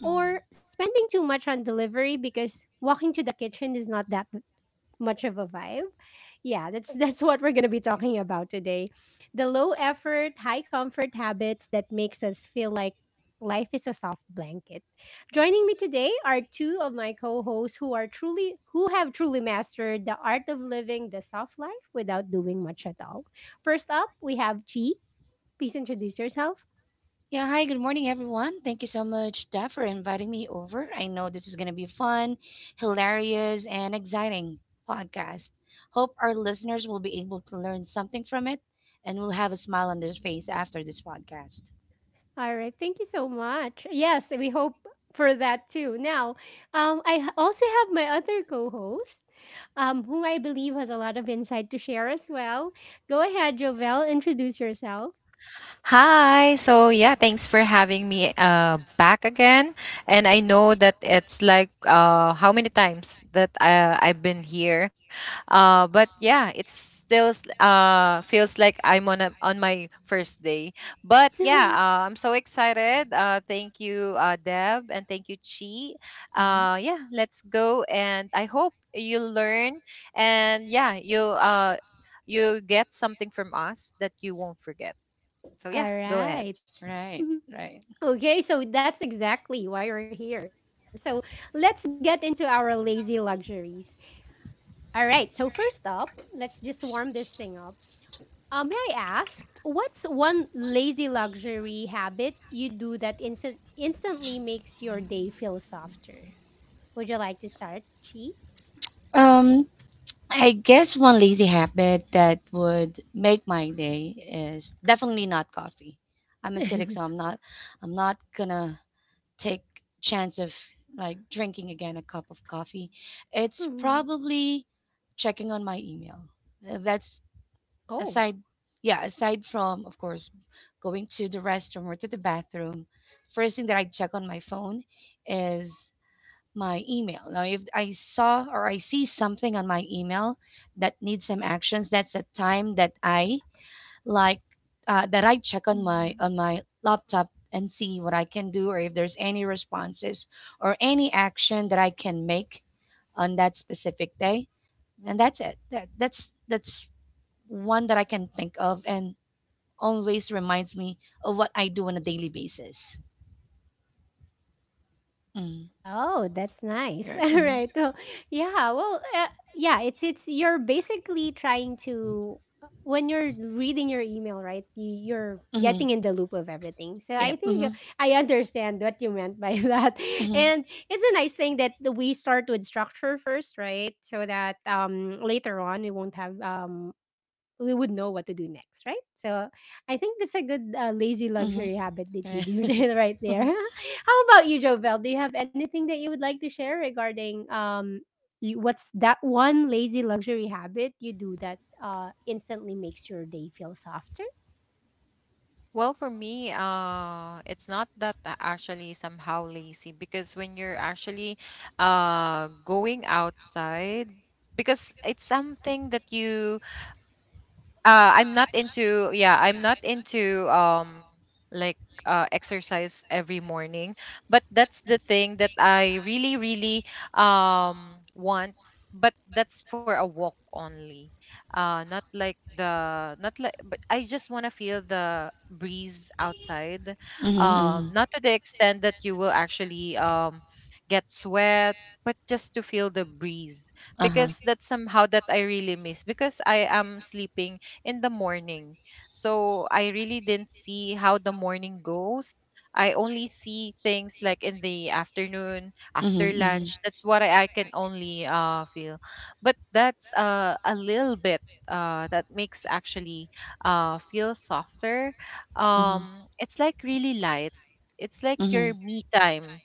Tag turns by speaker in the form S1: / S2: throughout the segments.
S1: hmm Yeah, hi, good morning, everyone. Thank you so much, Dad, for inviting me over. I know this is going to be fun, hilarious, and exciting podcast. Hope our listeners will be able to learn something from it and will have a smile on their face after this podcast.
S2: Hi. Thanks for having me back again. And I know that it's like how many times that I've been here. It's still feels like I'm on on my first day. I'm so excited. Thank you Deb and thank you Chi.
S1: Mm-hmm.
S2: Yeah, let's go and I hope you learn and you get something from us that you won't forget. So yeah, go ahead.
S1: Right, right. Um, I guess one lazy habit that would make my day is definitely not coffee. I'm acidic, so I'm not gonna take chance of drinking again a cup of coffee. It's probably checking on my email. That's aside yeah, aside from of course going to the restroom or to the bathroom, first thing that I check on my phone is my email. Now, if I saw or I see something on my email that needs some actions, that's the time that I like that I check on my laptop and see what I can do or if there's any responses or any action that I can make on that specific day. And that's it. That's one that I can think of and always reminds me of what I do on a daily basis. Mm. Right. Mm-hmm. Mm-hmm. Yep. Mm-hmm. Mm-hmm. Mm-hmm. Yes.
S2: Well, for me, it's not that I actually somehow lazy because when you're actually going outside, because it's something that you I'm not into I'm not into like exercise every morning, but that's the thing that I really want, but that's for a walk only, not like the not like but I just want to feel the breeze outside,
S1: Mm-hmm. Mm-hmm.
S2: not to the extent that you will actually get sweat, but just to feel the breeze,
S1: Uh-huh.
S2: because that's somehow that I really miss because I am sleeping in the morning. So I really didn't see how the morning goes. I only see things like in the afternoon, after
S1: Mm-hmm.
S2: lunch. That's what I can only feel. But that's a little bit that makes actually feel softer.
S1: Mm-hmm.
S2: It's like really light. It's like
S1: Mm-hmm.
S2: your
S1: Mm-hmm.
S2: me time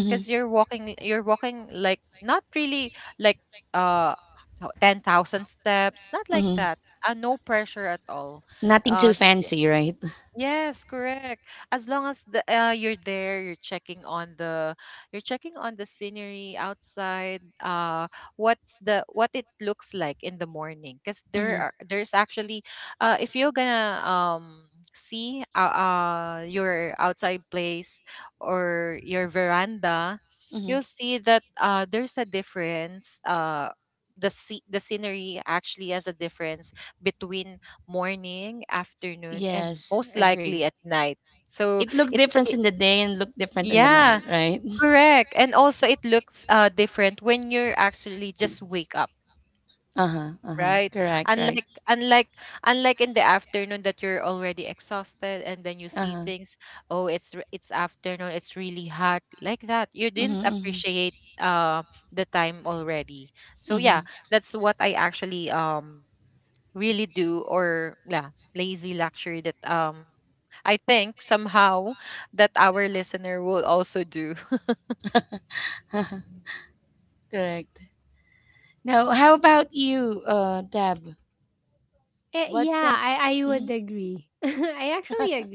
S1: Mm-hmm.
S2: because you're walking like not really like uh 10,000 steps, not like
S1: Mm-hmm.
S2: that, no pressure at all
S1: Nothing
S2: uh
S1: too
S2: that
S1: fancy, right?
S2: Yes, correct. As long as the you're there, you're checking on the scenery outside, what's the what it looks like in the morning, because
S1: Mm-hmm.
S2: there's actually if you're gonna see your outside place or your veranda,
S1: Mm-hmm.
S2: you'll see that there's a difference the, the scenery actually has a difference between morning, afternoon, and
S1: Yes,
S2: most likely
S1: agree.
S2: at night. So
S1: It looked
S2: it's
S1: different
S2: it,
S1: in the day and looked different in the night,
S2: yeah,
S1: right?
S2: correct. And also it looks different when you're actually just wake up,
S1: Uh huh. Uh huh.
S2: right?
S1: Correct. Right.
S2: Unlike unlike unlike in the afternoon, that you're already exhausted and then you
S1: Uh
S2: see
S1: huh.
S2: things, oh, it's afternoon, it's really hot, like that. You didn't
S1: Mm-hmm.
S2: appreciate uh the time already. So
S1: Mm-hmm.
S2: yeah, that's what I actually really do, or yeah, lazy luxury that I think somehow that our listener will also do.
S1: Correct. Now, how about you, Deb? What's that? Mm-hmm. uh-huh,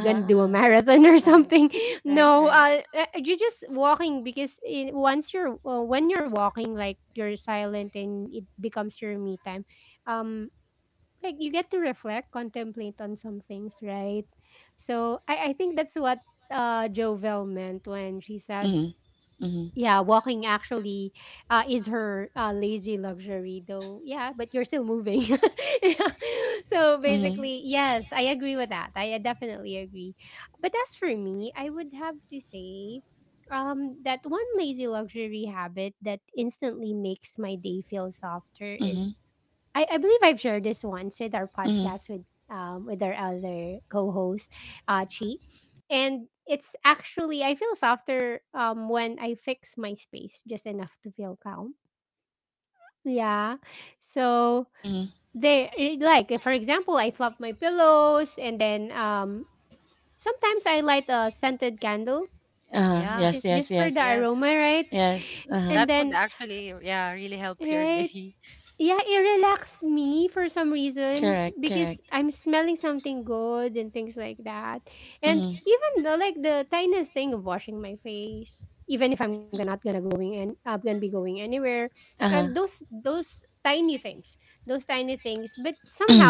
S1: uh-huh, uh-huh, right, right, mm-hmm, mm-hmm, mm-hmm, mm-hmm, mm-hmm, mm-hmm, uh-huh, yes,
S2: Yeah.
S1: yes, yes,
S2: Yes,
S1: yes, uh-huh.
S2: that would actually, yeah, really help your day.
S1: Correct, correct. Mm-hmm. Uh huh.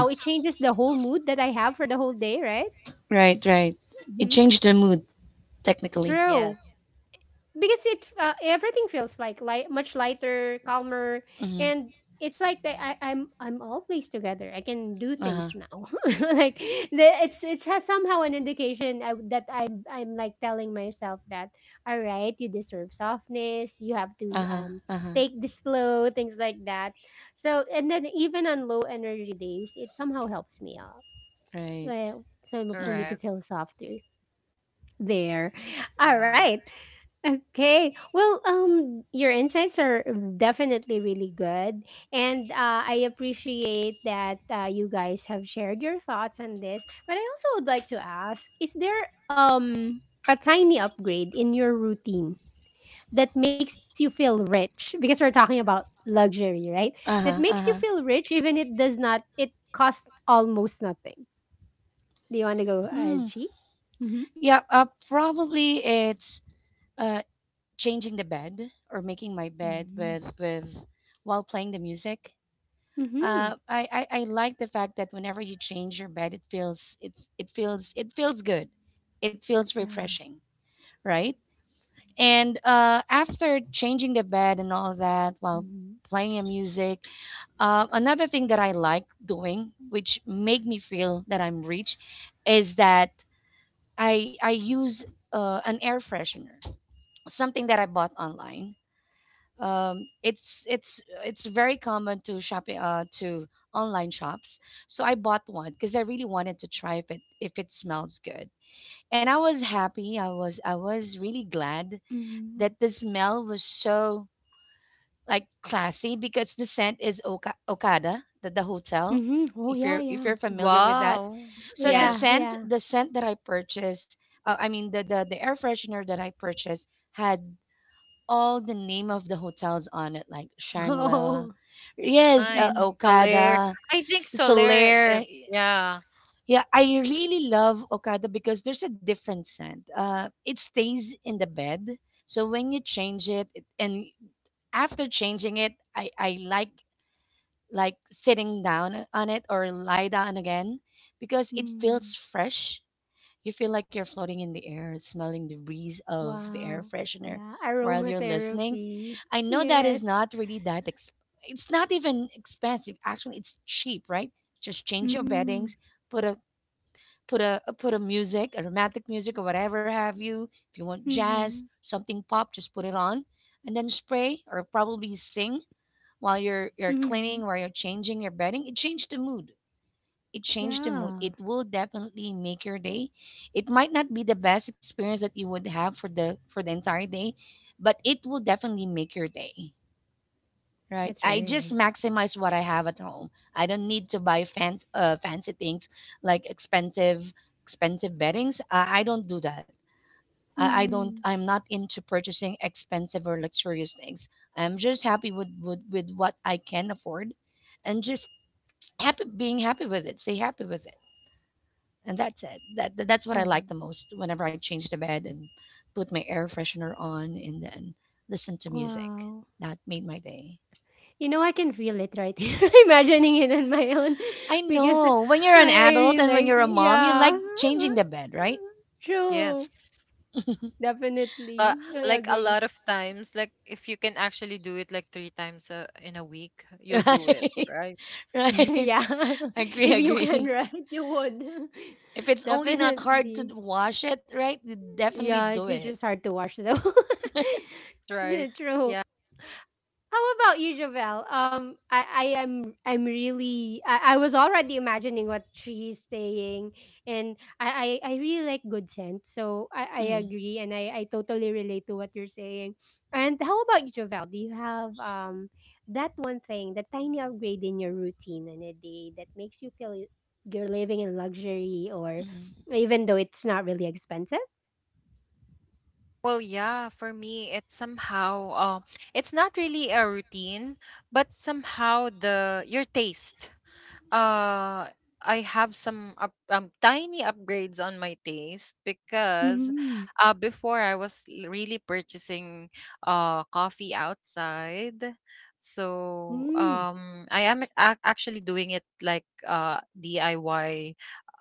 S1: Right, right. It changed the mood technically.
S2: Yes,
S1: Mm-hmm. Uh huh. Uh huh. Uh huh. Right. Mm-hmm.
S2: correct. Yeah,
S1: Uh huh. Uh huh. Hmm. Yeah. Probably it's uh, changing the bed or making my bed with while playing the music. I like the fact that whenever you change your bed, it feels good, it feels refreshing, right? And after changing the bed and all that while playing a music, another thing that I like doing, which make me feel that I'm rich, is that I use an air freshener, something that I bought online. It's very common to shopping to online shops. So I bought one because I really wanted to try if it smells good. And I was happy. I was really glad that the smell was so like classy because the scent is Okada, the hotel. If you're familiar with that,
S2: wow.
S1: so the
S2: Yes,
S1: scent the scent that I purchased, I mean the air freshener that I purchased had all the name of the hotels on it, like Shangla, yes,
S2: nice. Solaire.
S1: Okada,
S2: I think Solaire
S1: Solaire.
S2: is, yeah.
S1: Yeah, I really love Okada because there's a different scent. It stays in the bed, so when you change it, it and after changing it, I like sitting down on it or lie down again because it feels fresh, you feel like you're floating in the air, smelling the breeze of the air freshener while you're listening. I know that is not really it's not even expensive. Actually, it's cheap, right? Just change your beddings, put a put a music, a romantic music or whatever have you. If you want jazz, something pop, just put it on and then spray or probably sing while you're cleaning, while you're changing your bedding. It changed the mood. It will definitely make your day. It might not be the best experience that you would have for the entire day, but it will definitely make your day. Right? I just maximize what I have at home. I don't need to buy fancy things like expensive beddings. I don't do that. I don't. I'm not into purchasing expensive or luxurious things. I'm just happy with with what I can afford, and just happy being happy with it. Stay happy with it and that's it. That's what I like the most. Whenever I change the bed and put my air freshener on, and then listen to music, that made my day. I know when you're an adult and when you're a mom, you like changing the bed, right?
S2: Yes, uh, like a lot of times, like if you can actually do it like three times in a week, you'll do it,
S1: Right,
S2: right?
S1: right. Agree, agree. If it's only not hard to wash it, right? You definitely do it.
S2: Right, yeah.
S1: Mm-hmm. Mm-hmm.
S2: Well, yeah, for me, it's somehow, it's not really a routine, but somehow the your taste. Uh, I have some tiny upgrades on my taste because, before I was really purchasing coffee outside. So I am actually doing it like, DIY.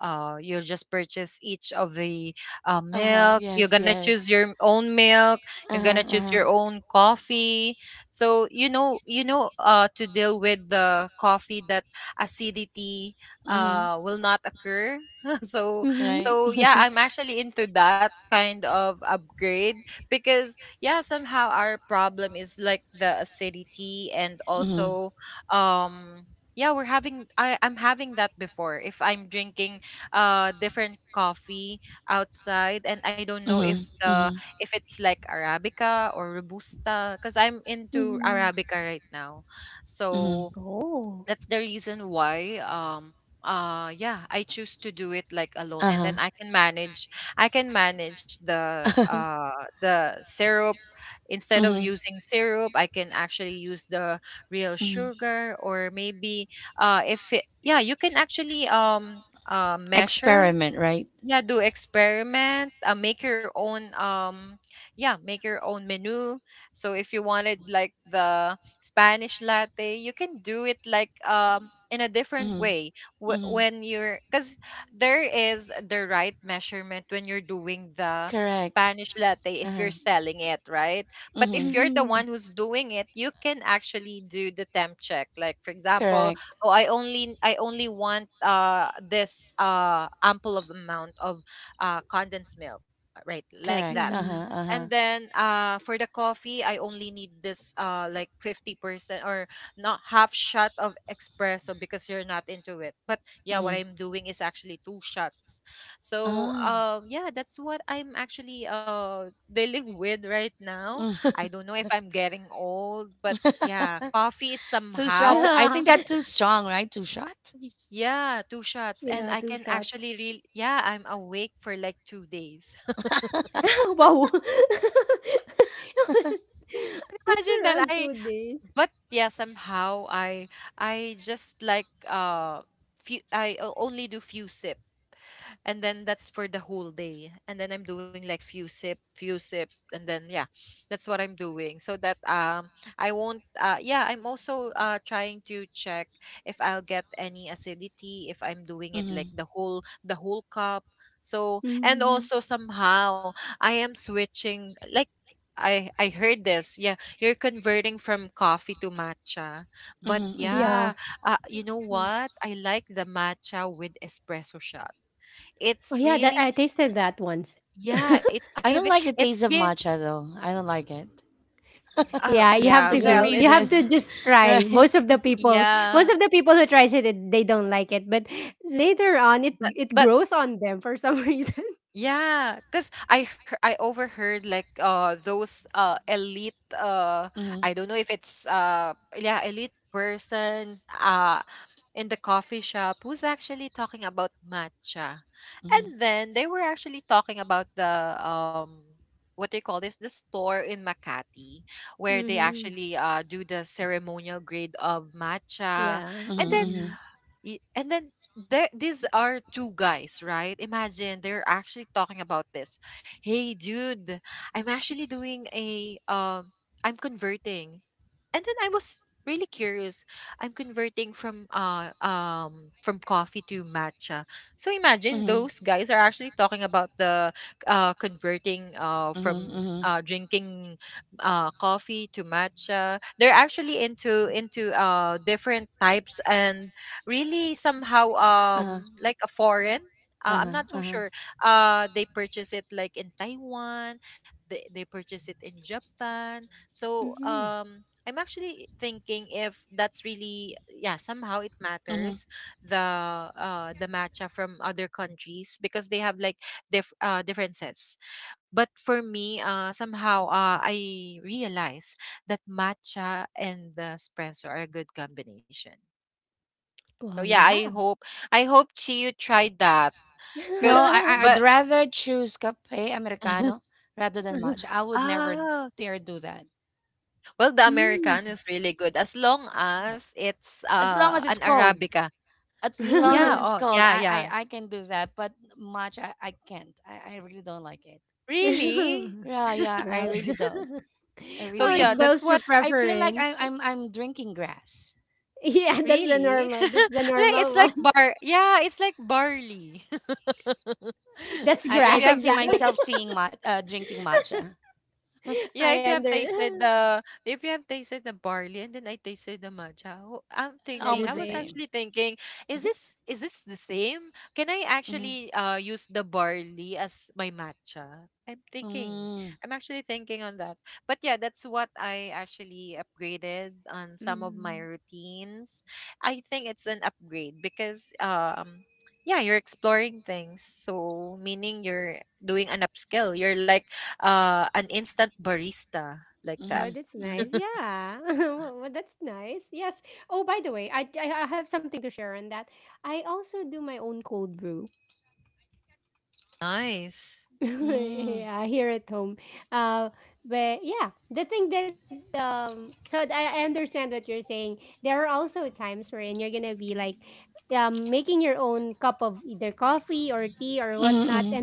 S2: You'll just purchase each of the
S1: Uh-huh.
S2: milk.
S1: Yes,
S2: You're gonna
S1: yes.
S2: choose your own milk. You're gonna
S1: Uh-huh.
S2: choose
S1: Uh-huh.
S2: your own coffee. So to deal with the coffee that acidity
S1: Mm-hmm.
S2: will not occur. So,
S1: Right.
S2: so yeah, I'm actually into that kind of upgrade, because yeah, somehow our problem is like the acidity, and
S1: Mm-hmm.
S2: also um yeah, we're having I I'm having that before, if I'm drinking different coffee outside, and I don't know
S1: Mm-hmm.
S2: if the
S1: Mm-hmm.
S2: if it's like arabica or robusta, because I'm into arabica right now.
S1: Mm-hmm.
S2: So that's the reason why, yeah, I choose to do it like alone, and then I can manage
S1: Uh-huh.
S2: the syrup. Instead
S1: hmm.
S2: of using syrup, I can actually use the real
S1: Hmm.
S2: sugar, or maybe if it, yeah, you can actually measure.
S1: Experiment, right?
S2: Yeah, do experiment, make your own, yeah, make your own menu. So if you wanted like the Spanish latte, you can do it like, in a different
S1: Mm-hmm.
S2: way.
S1: Mm-hmm.
S2: When you're, because there is the right measurement when you're doing the
S1: Correct.
S2: Spanish latte if
S1: Uh-huh.
S2: you're selling it, right? But
S1: Mm-hmm.
S2: if you're the one who's doing it, you can actually do the temp check, like for example,
S1: Correct.
S2: oh, I only want this ample of amount of condensed milk, right,
S1: Correct.
S2: like that.
S1: Uh-huh. Uh-huh.
S2: And then for the coffee, I only need this like 50%, or not half shot of espresso because you're not into it. But yeah,
S1: Mm-hmm.
S2: what I'm doing is actually two shots. So
S1: Ah.
S2: yeah, that's what I'm actually dealing with right now.
S1: Mm.
S2: I don't know if I'm getting old, but yeah, coffee is
S1: Two shots.
S2: somehow,
S1: I think that's too strong, right? Two shot.
S2: yeah, two shots. And I can actually real yeah, I'm awake for like 2 days. Imagine that somehow I just like few I o- only do few sips, and then that's for the whole day. And then I'm doing like few sip few sip, and then yeah, that's what I'm doing, so that I won't, yeah, I'm also trying to check if I'll get any acidity if I'm doing it like
S1: Mm-hmm.
S2: the whole cup. So, and also somehow, I am switching like, I heard this. Yeah, you're converting from coffee to matcha. But
S1: Mm-hmm. Mm-hmm.
S2: yeah, you know what? I like the matcha with espresso shot. It's really yeah, it's
S1: I
S2: giving
S1: don't like the
S2: it's
S1: taste of
S2: give
S1: matcha though. I don't like it.
S2: oh yeah,
S1: For
S2: well,
S1: some
S2: it's
S1: reason, right?
S2: yeah but yeah, 'cause I overheard like those elite I
S1: Hmm.
S2: don't know if it's yeah, elite persons in the coffee shop who's actually talking about matcha,
S1: Hmm.
S2: and then they were actually talking about the, what they call this, the store in Makati, where they actually do the ceremonial grade of matcha, and then
S1: Hmm.
S2: And then there, these are two guys, right? Imagine they're actually talking about this. Hey, dude, I'm actually doing a, I'm converting, and then I was really curious. I'm converting from coffee to matcha. So imagine
S1: Hmm.
S2: those guys are actually talking about the converting from
S1: Hmm. Hmm.
S2: drinking coffee to matcha. They're actually into different types, and really somehow
S1: Uh-huh,
S2: like a foreign, I'm
S1: uh-huh,
S2: not so
S1: uh-huh.
S2: sure. They purchase it like in Taiwan. They purchase it in Japan. So I'm actually thinking if that's really, yeah, somehow it
S1: Mm-hmm.
S2: matters, the the matcha from other countries, because they have like differences. But for me, somehow, I realize that matcha and the espresso are a good combination. So yeah, I hope Chiyu tried that.
S1: No,
S2: K-
S1: I'd
S2: But,
S1: rather choose cafe americano rather than matcha. I would never
S2: ah,
S1: dare do that.
S2: well, the Americano is really good as long as it's
S1: As long as it's
S2: an
S1: cold.
S2: Arabica.
S1: As long as
S2: Yeah,
S1: it's
S2: oh
S1: cold,
S2: yeah, yeah.
S1: I can do that. But matcha, I can't. I really don't like it.
S2: Really?
S1: Yeah, yeah, I really don't. I really
S2: So
S1: don't.
S2: yeah, that's what,
S1: I feel like I'm drinking grass.
S2: really. Like, it's like bar, yeah, it's like barley.
S1: I
S2: If
S1: I
S2: you
S1: don't
S2: have
S1: see
S2: things in,
S1: myself seeing mat drinking matcha.
S2: yeah, if you have tasted the, if you have tasted the barley, and then I tasted the matcha, oh, I'm thinking, I
S1: Almost the
S2: was
S1: same.
S2: actually thinking, is this, is this the same? Can I
S1: Hmm.
S2: actually use the barley as my matcha? I'm thinking.
S1: Mm-hmm.
S2: I'm actually thinking on that. But yeah, that's what I actually upgraded on some of my routines. I think it's an upgrade, because yeah, you're exploring things. So meaning you're doing an upskill. You're like an instant barista, like that.
S1: Mm-hmm. Mm-hmm.
S2: Nice.
S1: Mm-hmm. Mm-hmm.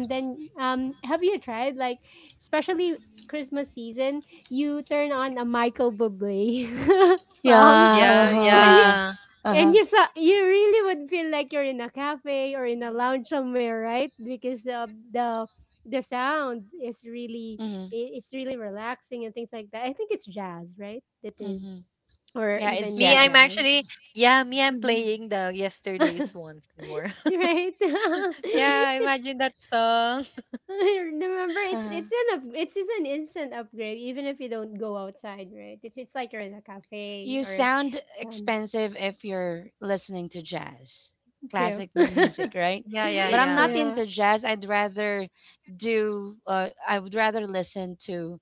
S1: Yeah.
S2: Yeah,
S1: Uh-huh. Uh-huh.
S2: yeah.
S1: Uh-huh. Mm-hmm. Mm-hmm. Yeah, it's
S2: Me, I'm
S1: jazz.
S2: actually, yeah, me, I'm playing the yesterday's once more. Yeah, imagine that song.
S1: Uh-huh. You sound expensive if you're listening to jazz, classic music, right?
S2: Yeah, yeah,
S1: But I'm
S2: yeah.
S1: not into jazz. I'd rather do, I would rather listen to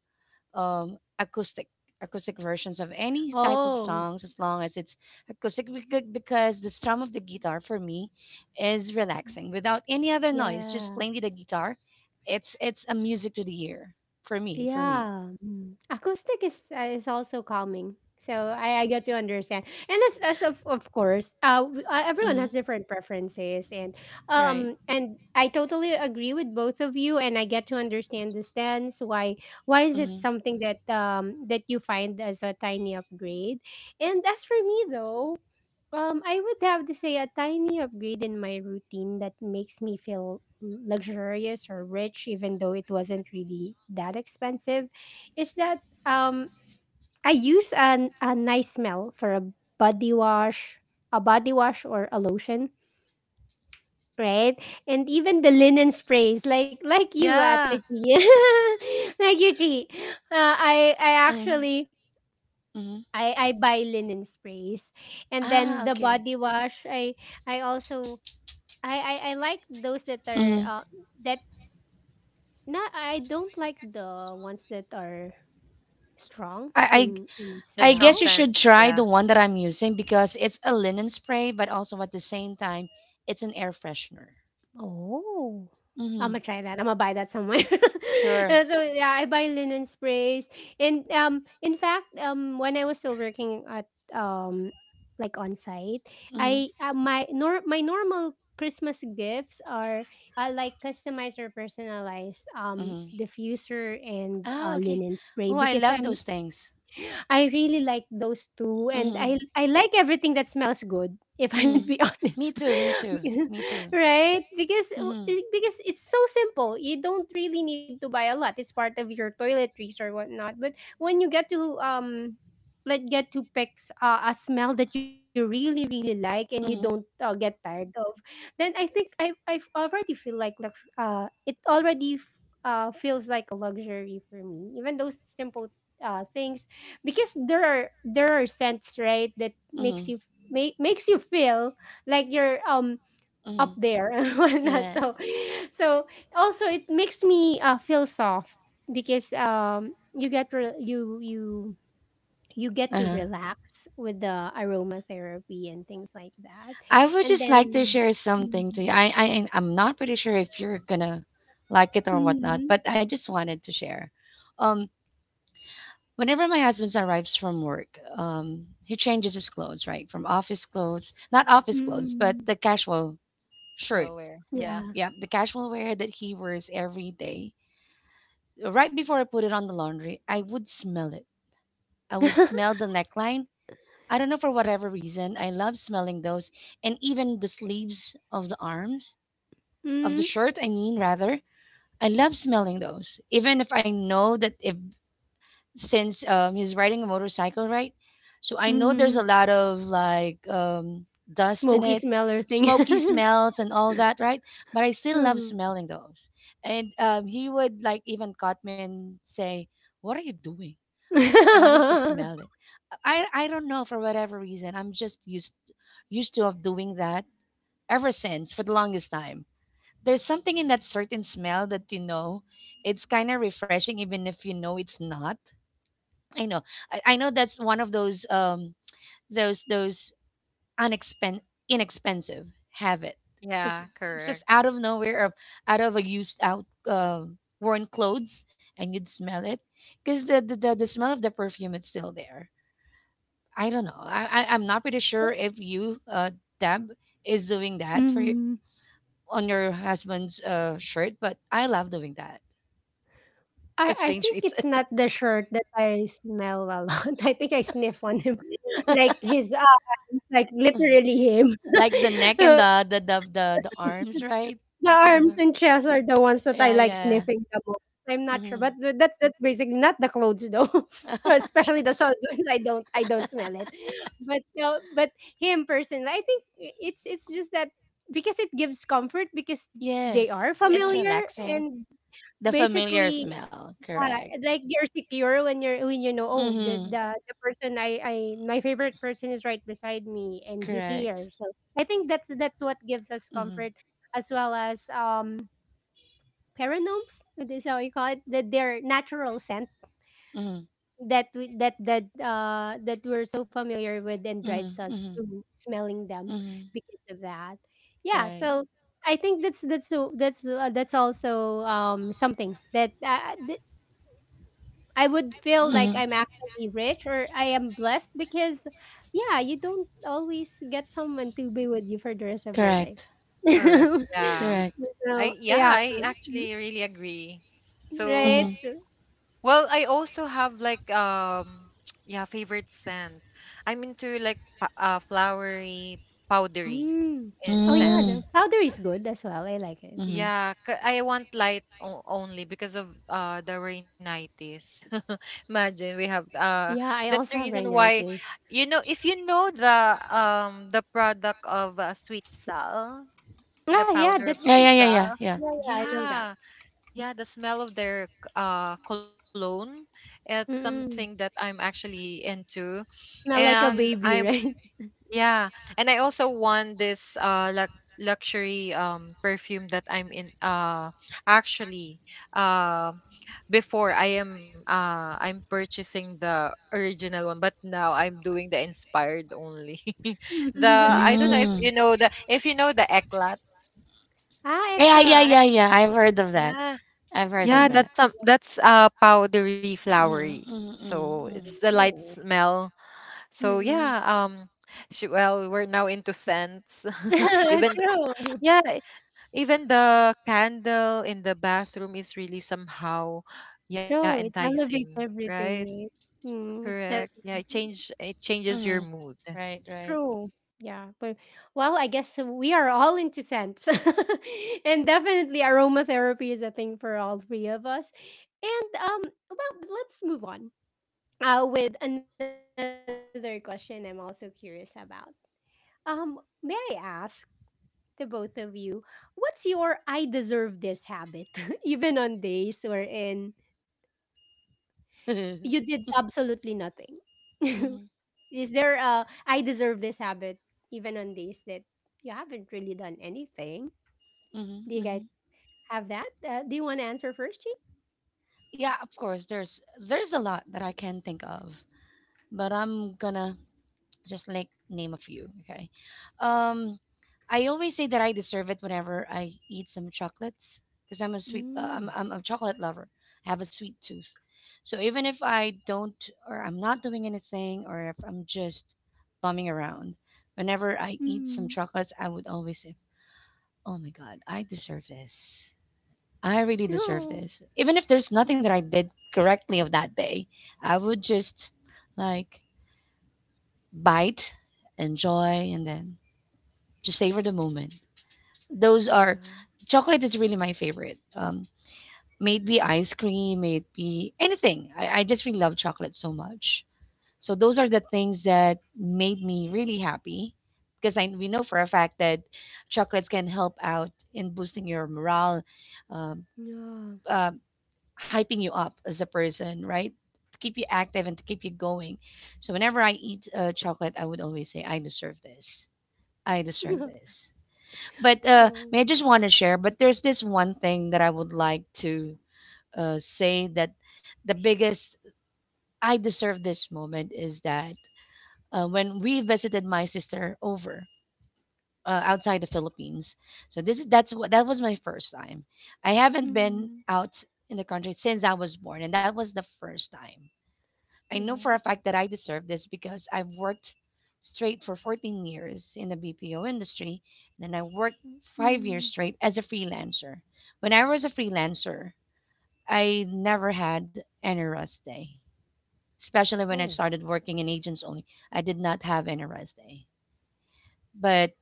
S1: um acoustic acoustic versions of any type of songs as long as it's acoustic because the strum of the guitar for me is relaxing without any other noise, just plainly the guitar. It's a music to the ear for me for me. Mm-hmm. Right. Mm-hmm.
S2: Yeah.
S1: Mm-hmm. Mm-hmm. Ah, okay. Mm-hmm. I, I
S2: The
S1: I guess
S2: strong
S1: you
S2: scent.
S1: should try the
S2: Yeah.
S1: one that I'm using because it's a linen spray, but also at the same time, it's an air freshener. Mm-hmm. Sure. Mm-hmm. Mm-hmm. Oh, okay. Oh, I love those things. Mm-hmm. Mm-hmm. Me too. Me too. Me too. Mm-hmm. Mm-hmm. Mm-hmm. Mm-hmm. Yeah. Uh-huh. I would just like to share something to you. I'm not pretty sure if you're gonna like it or whatnot, but I just wanted to share. Um, Whenever my husband arrives from work, he changes his clothes, right? From office clothes, not office clothes, but the casual shirt.
S2: Nowhere. Yeah.
S1: Yeah, the casual wear that he wears every day. Right before I put it on the laundry, I would smell it. I would smell the neckline. I don't know for whatever reason. I love smelling those and even the sleeves of the arms, of the shirt, I mean, rather. I love smelling those. Even if I know that if since he's riding a motorcycle, right? So I know there's a lot of like dust in it, smoky smells and all that, right? But I still love smelling those. And he would like even caught me and say, "What are you doing?" I just wanted to smell it. I don't know for whatever reason. I'm just used to of doing that ever since for the longest time. There's something in that certain smell that you know it's kind of refreshing even if you know it's not. I know. I know that's one of those unexpen inexpensive habit because
S2: Yeah,
S1: it's just
S2: correct.
S1: out of nowhere of out of a used out worn clothes and you'd smell it because the the smell of the perfume it's still there. I don't know. I'm not pretty sure if you Deb is doing that
S3: Mhm.
S1: on your husband's shirt, but I love doing that
S3: I
S1: for
S3: I
S1: strange
S3: think it's
S1: reason.
S3: not the shirt that I smell a lot. I think I sniff on him, like his arms, like literally him.
S1: Like the neck and
S3: Uh,
S1: the arms, right?
S3: the arms
S1: Mhm.
S3: and chest are the ones that I
S1: Yeah,
S3: like
S1: yeah.
S3: sniffing the most. I'm not sure,
S1: Mm-hmm.
S3: but that's basically not the clothes though, especially the soft ones. I don't smell it, but no, but him personally, I think it's just that because it gives comfort because they
S1: Yes,
S3: are
S1: it's
S3: familiar
S1: relaxing.
S3: and
S1: The familiar
S3: basically
S1: smell,
S3: Ah,
S1: correct.
S3: like you're secure when you know, oh, the
S1: Mm-hmm.
S3: the the person I my favorite person is right beside me and he's here.
S1: Correct.
S3: So I think that's what gives us
S1: Mm-hmm.
S3: comfort as well as paranomes, is how you call it, that their natural scent
S1: Mm-hmm.
S3: that we, that that that we're so familiar with and drives
S1: Mm-hmm.
S3: us
S1: Mm-hmm.
S3: to smelling them
S1: Mm-hmm.
S3: because of that. Yeah,
S1: Right.
S3: so I think that's also something that I would feel
S1: Mm-hmm.
S3: like I'm actually rich or I am blessed because, yeah, you don't always get someone to be with you for the rest of your
S1: Correct.
S3: life.
S2: Correct.
S1: Correct.
S2: Yeah.
S3: So,
S2: I
S3: yeah.
S2: Yeah, I actually really agree.
S1: Mm-hmm.
S3: Right?
S2: So,
S3: So,
S2: well, I also have like, yeah, favorite scent. I'm into like, flowery, powdery,
S3: mm. Oh, yeah.
S1: Mm.
S2: scent.
S3: The powder is good as well. I like it.
S1: Mm-hmm.
S2: Yeah, I want light only because of the rhinitis. Imagine we have
S3: Yeah, I
S2: that's the
S3: also have
S2: reason why,
S3: rhinitis.
S2: you know, if you know the, the product of, Sweet Sal,
S3: Ah,
S2: the
S3: yeah,
S2: powder
S3: that's.
S2: of
S1: Yeah, yeah,
S2: Sweet
S1: yeah, yeah,
S2: Sal.
S1: yeah.
S3: Yeah, yeah, I know that.
S2: Yeah. Yeah, the smell of their cologne. It's something
S3: Mm-mm.
S2: that I'm actually into.
S3: Smell like a
S2: And
S3: baby, right?
S2: I'm, yeah. And I also won this luxury perfume that I'm in actually, uh before, I'm purchasing the original one, but now I'm doing the inspired only. the
S3: Mm-mm.
S2: I don't know if
S1: Mm.
S2: you know the, if you know the Eclat.
S3: Ah,
S1: Yeah, yeah,
S3: ekla.
S1: yeah, yeah. I've heard of that. I've heard of
S2: Yeah,
S3: Mm-hmm.
S1: that.
S2: that's some that's powdery flowery.
S1: Mm-hmm, mm-hmm,
S2: So it's
S1: mm-hmm,
S2: the light smell. So
S3: Mm-mm.
S2: yeah, she, well, we're now into scents. Even the,
S3: True.
S2: yeah, even the candle in the bathroom is really somehow, yeah,
S3: True, it
S2: enticing,
S3: elevates
S2: right?
S3: everything, right? Mm,
S2: Correct.
S3: that's
S2: Yeah, it changes your
S1: mm-hmm.
S2: mood.
S1: Right, right.
S3: true. Yeah, but well, I guess we are all into scents, and definitely aromatherapy is a thing for all three of us. And Well, but let's move on. With another question, I'm also curious about. Um, may I ask the both of you, what's your "I deserve this" habit, even on days or in
S1: Mm-hmm,
S3: You did absolutely nothing. Is there a I deserve this habit even on days that you haven't really done anything? Do you
S1: mm-hmm, mm-hmm.
S3: guys have that? Do you want to answer first, G?
S1: Yeah, of course. There's a lot that I can think of, but I'm gonna just like name a few. Okay. Um, I always say that I deserve it whenever I eat some chocolates because I'm a sweet,
S3: Mm.
S1: I'm a chocolate lover. I have a sweet tooth. So even if I don't, or I'm not doing anything, or if I'm just bumming around, whenever I eat
S3: Mm.
S1: some chocolates, I would always say, "Oh my God, I deserve this. I really deserve
S3: No.
S1: this." Even if there's nothing that I did correctly of that day, I would just like bite, enjoy, and then just savor the moment. Those are
S3: Yeah.
S1: Chocolate is really my favorite. Maybe ice cream, maybe anything. I just really love chocolate so much. So those are the things that made me really happy because I we know for a fact that chocolates can help out in boosting your morale, um,
S3: Yeah.
S1: uh, hyping you up as a person, right? To keep you active and to keep you going. So whenever I eat chocolate, I would always say, "I deserve this. I deserve this." but
S3: True.
S1: may I just want to share, but there's this one thing that I would like to say, that the biggest I deserve this moment is that when we visited my sister over, outside the Philippines. So this is that's what that was my first time. I haven't been
S3: Mm.
S1: out in the country since I was born, and that was the first time I know for a
S3: Yes.
S1: fact that I deserve this because I've worked straight for 14 years in the BPO industry, and then I worked five
S3: Mm.
S1: years straight as a freelancer. When I was a freelancer, I never had any rest day, especially when I
S3: Oh.
S1: started working in agents only. I did not have any rest day. But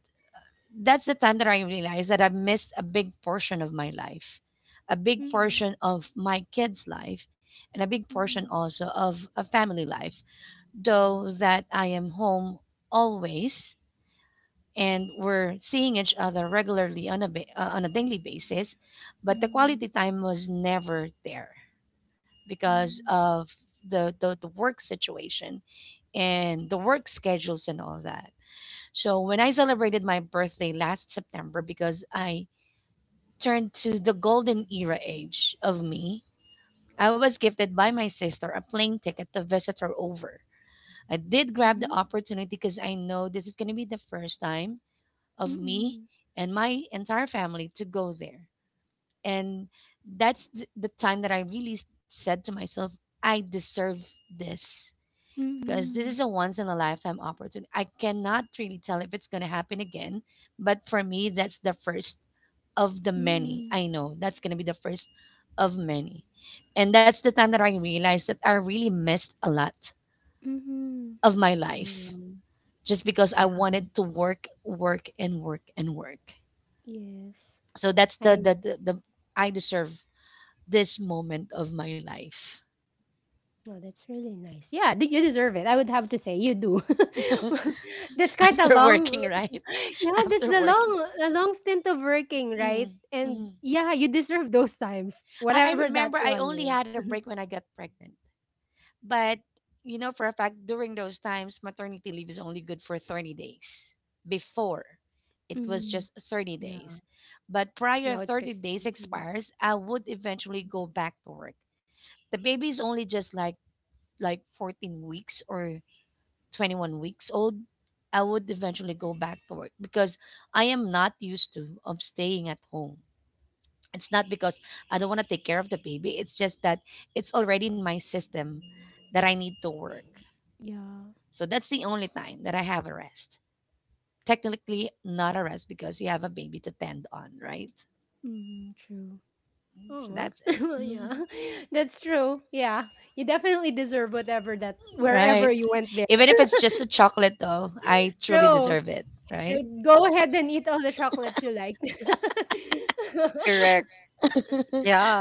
S1: that's the time that I realized that I missed a big portion of my life, a big
S3: Mm.
S1: portion of my kids' life, and a big portion
S3: Mm.
S1: also of a family life, though that I am home always and we're seeing each other regularly on a daily basis, but the quality
S3: Mm.
S1: time was never there because
S3: Mm.
S1: of the work situation and the work schedules and all that. So when I celebrated my birthday last September, because I turned to the golden era age of me, I was gifted by my sister a plane ticket to visit her over. I did grab the
S3: Mhm.
S1: opportunity because I know this is going to be the first time of me
S3: Mm.
S1: and my entire family to go there. And that's the time that I really said to myself, I deserve this, because this
S3: Mm.
S1: is a once in a lifetime opportunity. I cannot really tell if it's going to happen again, but for me, that's the first of the
S3: Mm.
S1: many.
S3: Mm.
S1: I know that's going to be the first of many. And that's the time that I realized that I really missed a lot
S3: Mhm.
S1: of my
S3: Oh my
S1: life
S3: god.
S1: just because I wanted to work, work, and work and work.
S3: Yes.
S1: So that's the
S3: I
S1: the the, the I deserve this moment of my life
S3: no, that's really nice. Yeah, you deserve it. I would have to say you do. That's quite a
S1: after
S3: long
S1: working, right?
S3: yeah, that's
S1: After
S3: a long
S1: working.
S3: stint of working,
S1: Mm,
S3: right?
S1: mhm.
S3: And yeah, you deserve those times,
S1: I
S3: whatever that
S1: remember I
S3: one
S1: only had a
S3: is.
S1: break when I got pregnant. But you know for a fact, during those times maternity leave is only good for 30 days. Before,
S3: Mm,
S1: it was just
S3: yeah.
S1: 30 days. But
S3: Now it's
S1: prior
S3: 60
S1: 30 days expires, I would eventually
S3: Mm-hmm.
S1: go back to work. The baby is only just like 14 weeks or 21 weeks old, I would eventually go back to work because I am not used to of staying at home. It's not because I don't want to take care of the baby, it's just that it's already in my system that I need to work.
S3: Yeah.
S1: So that's the only time that I have a rest, technically not a rest because you have a baby to tend on, right?
S3: Mm, true.
S1: Mm, so
S3: Oh,
S1: that's
S3: well,
S1: it.
S3: yeah. That's true. Yeah. You definitely deserve whatever that
S1: Right.
S3: wherever you went there.
S1: Even if it's just a chocolate, though, I truly
S3: True.
S1: deserve it, right?
S3: Like, go ahead and eat all the chocolates you like.
S2: Correct. Yeah,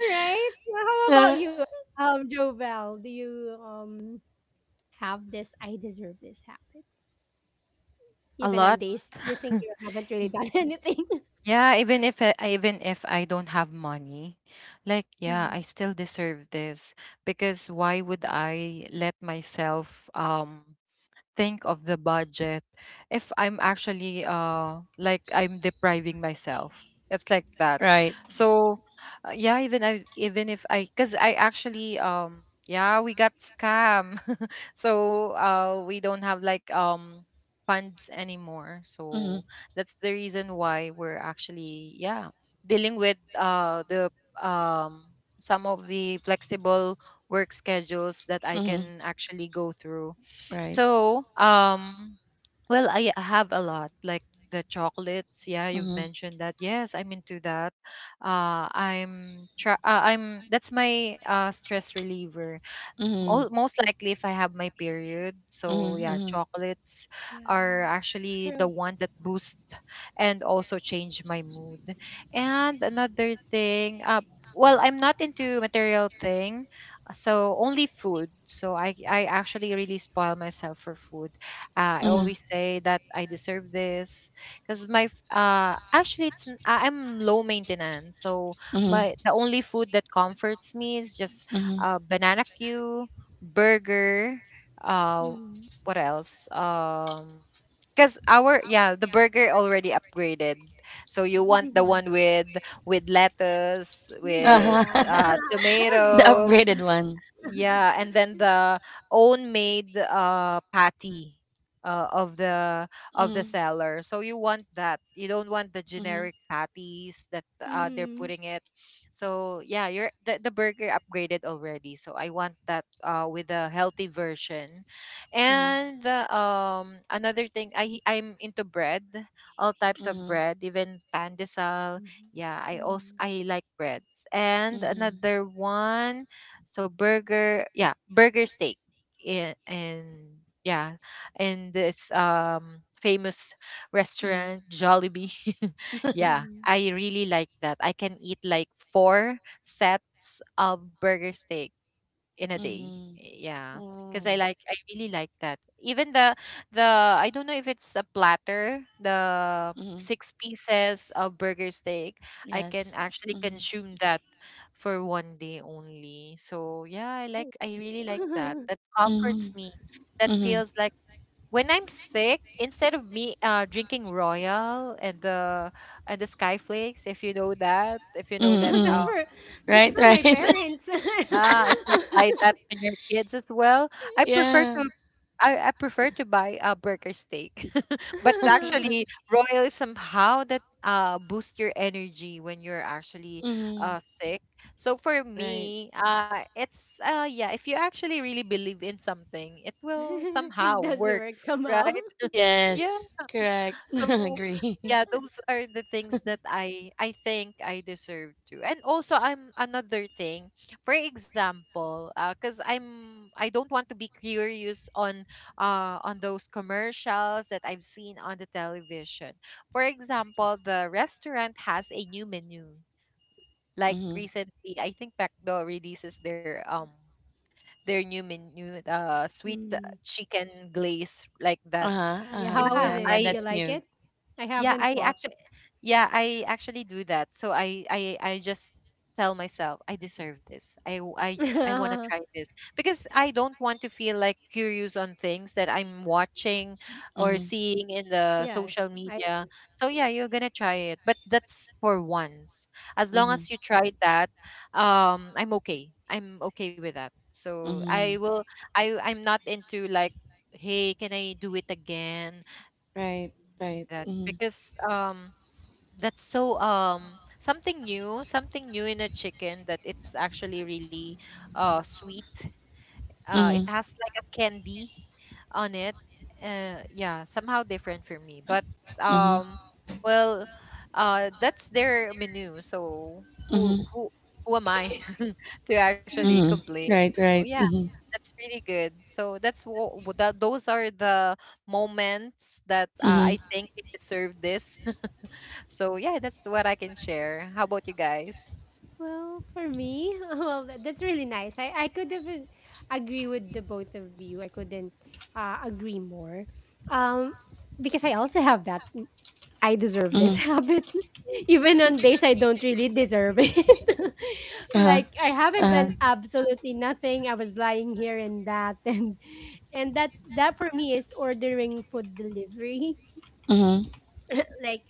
S3: Right? Well, how about you, Jovel? Do you have this I deserve this habit? Even on
S2: a
S3: days
S2: lot.
S3: you think you haven't really done anything.
S2: Yeah, even if I, I- even if I don't have money, like
S3: Mm,
S2: yeah, I still deserve this because why would I let myself think of the budget if I'm actually like I'm depriving myself. It's like that.
S1: Right.
S2: So yeah, even if I because I actually yeah we got scam, so we don't have like funds anymore.
S1: Hmm,
S2: So that's the reason why we're actually yeah dealing with the um some of the flexible work schedules that I
S1: hmm.
S2: can actually go through
S1: Right.
S2: so, well, I have a lot like the chocolates. Yeah, you've
S1: Hmm,
S2: mentioned that. Yes, I'm into that. I'm try. I'm that's my stress reliever. Mo
S1: hmm,
S2: Most likely if I have my period. So
S1: hmm,
S2: yeah,
S1: hmm,
S2: chocolates are
S3: yeah.
S2: actually the
S3: True.
S2: one that boost and also change my mood. And another thing, well, I'm not into material thing, so only food. So I actually really spoil myself for food. I
S1: hmm,
S2: always say that I deserve this because actually I'm low maintenance. So
S1: hmm,
S2: my the only food that comforts me is just
S1: hmm.
S2: banana Q, burger, uh,
S3: Mm.
S2: what else? Because our yeah the burger already upgraded, so you want the one with lettuce with
S1: Uh-huh.
S3: Yeah. Of course,
S1: The
S3: of
S2: tomato
S1: upgraded
S3: course.
S1: one.
S2: yeah, and then the own made patty uh, of the of the
S1: Mm-hmm.
S2: seller. So you want that. You don't want the
S1: Mm-hmm.
S2: generic patties that they're
S3: Mm.
S2: putting it. So yeah, you're the burger upgraded already. So I want that with a healthy version.
S1: Mm-hmm.
S2: And another thing I'm into bread, all types of
S1: Mm-hmm.
S2: bread, even pandesal.
S3: Mhm.
S2: Yeah,
S3: Mm.
S2: I like breads. And
S1: Mm-hmm.
S2: another one so burger yeah burger steak and yeah and this famous restaurant Jollibee
S1: Mm-hmm.
S2: yeah
S3: Mm.
S2: I really like that I can eat like 4 sets of burger steak in a day.
S1: Mm-hmm.
S2: Yeah. Because I
S1: Oh.
S2: like, I really like that. Even the, I don't know if it's a platter, the
S1: Mm-hmm.
S2: 6 pieces of burger steak, I can
S1: Yes.
S2: actually
S1: Mm-hmm.
S2: consume that for one day only. So yeah, I like,
S3: Oh.
S2: I really like that. That comforts
S1: Mm-hmm.
S2: me. That
S1: Mm-hmm.
S2: feels like when I'm sick, instead of me drinking Royal and the Skyflakes, if you know that, if you know that
S3: That's
S1: Mm-mm.
S3: for my parents.
S2: Ah, if you apply that on your kids as well, I prefer to I prefer to buy a burger steak. But actually, royal is somehow that boosts your energy when you're actually
S1: Mm-hmm.
S2: sick. So for me, it's yeah, if you actually really believe in something, it will
S3: It
S2: somehow
S3: does work
S2: works,
S3: somehow.
S2: right? Yeah.
S1: Yes.
S2: So
S1: Agree.
S2: yeah, those are the things that I think I deserve to. And also I'm another thing. For example, cuz I don't want to be curious on those commercials that I've seen on the television. For example, the restaurant has a new menu. Like
S1: Mm-hmm.
S2: recently, I think McDo releases their new menu sweet
S3: Hmm.
S2: chicken glaze like that.
S1: Uh huh. Uh
S3: Yeah,
S1: huh.
S3: how was
S2: Yeah,
S1: Yeah.
S3: it?
S1: Yeah.
S3: Did
S2: I
S3: you
S1: That's
S3: like
S1: new.
S3: it? I
S2: yeah,
S3: haven't
S2: I
S3: bought.
S2: actually yeah, I actually do that. So I just tell myself I deserve this. I w- I want to
S3: Yeah.
S2: try this because I don't want to feel like curious on things that I'm watching or
S1: Mhm.
S2: seeing in
S3: I
S2: the social media. So yeah, you're going to try it, but that's for once. As long as
S1: Mhm.
S2: you try that, I'm okay. I'm okay with that. So
S1: Mhm.
S2: I'm not into like hey, can I do it again? That
S1: Mhm.
S2: because that's so something new in a chicken that it's actually really sweet. It has like a candy on it. Yeah, somehow different for me. But
S1: Mhm.
S2: um well that's their menu. So who who who am I to actually complain? So yeah,
S1: Mhm.
S2: that's really good. So that's what those are the moments that I think it deserved this. So yeah, that's what I can share. How about you guys?
S3: well, for me, well, that's really nice. I could have agree with the both of you. I couldn't agree more. Um because I also have that. I deserve this habit. Even on days I don't really deserve it. Like I haven't done absolutely nothing. I was lying here and that and that's that for me is ordering food delivery
S1: Mhm.
S3: like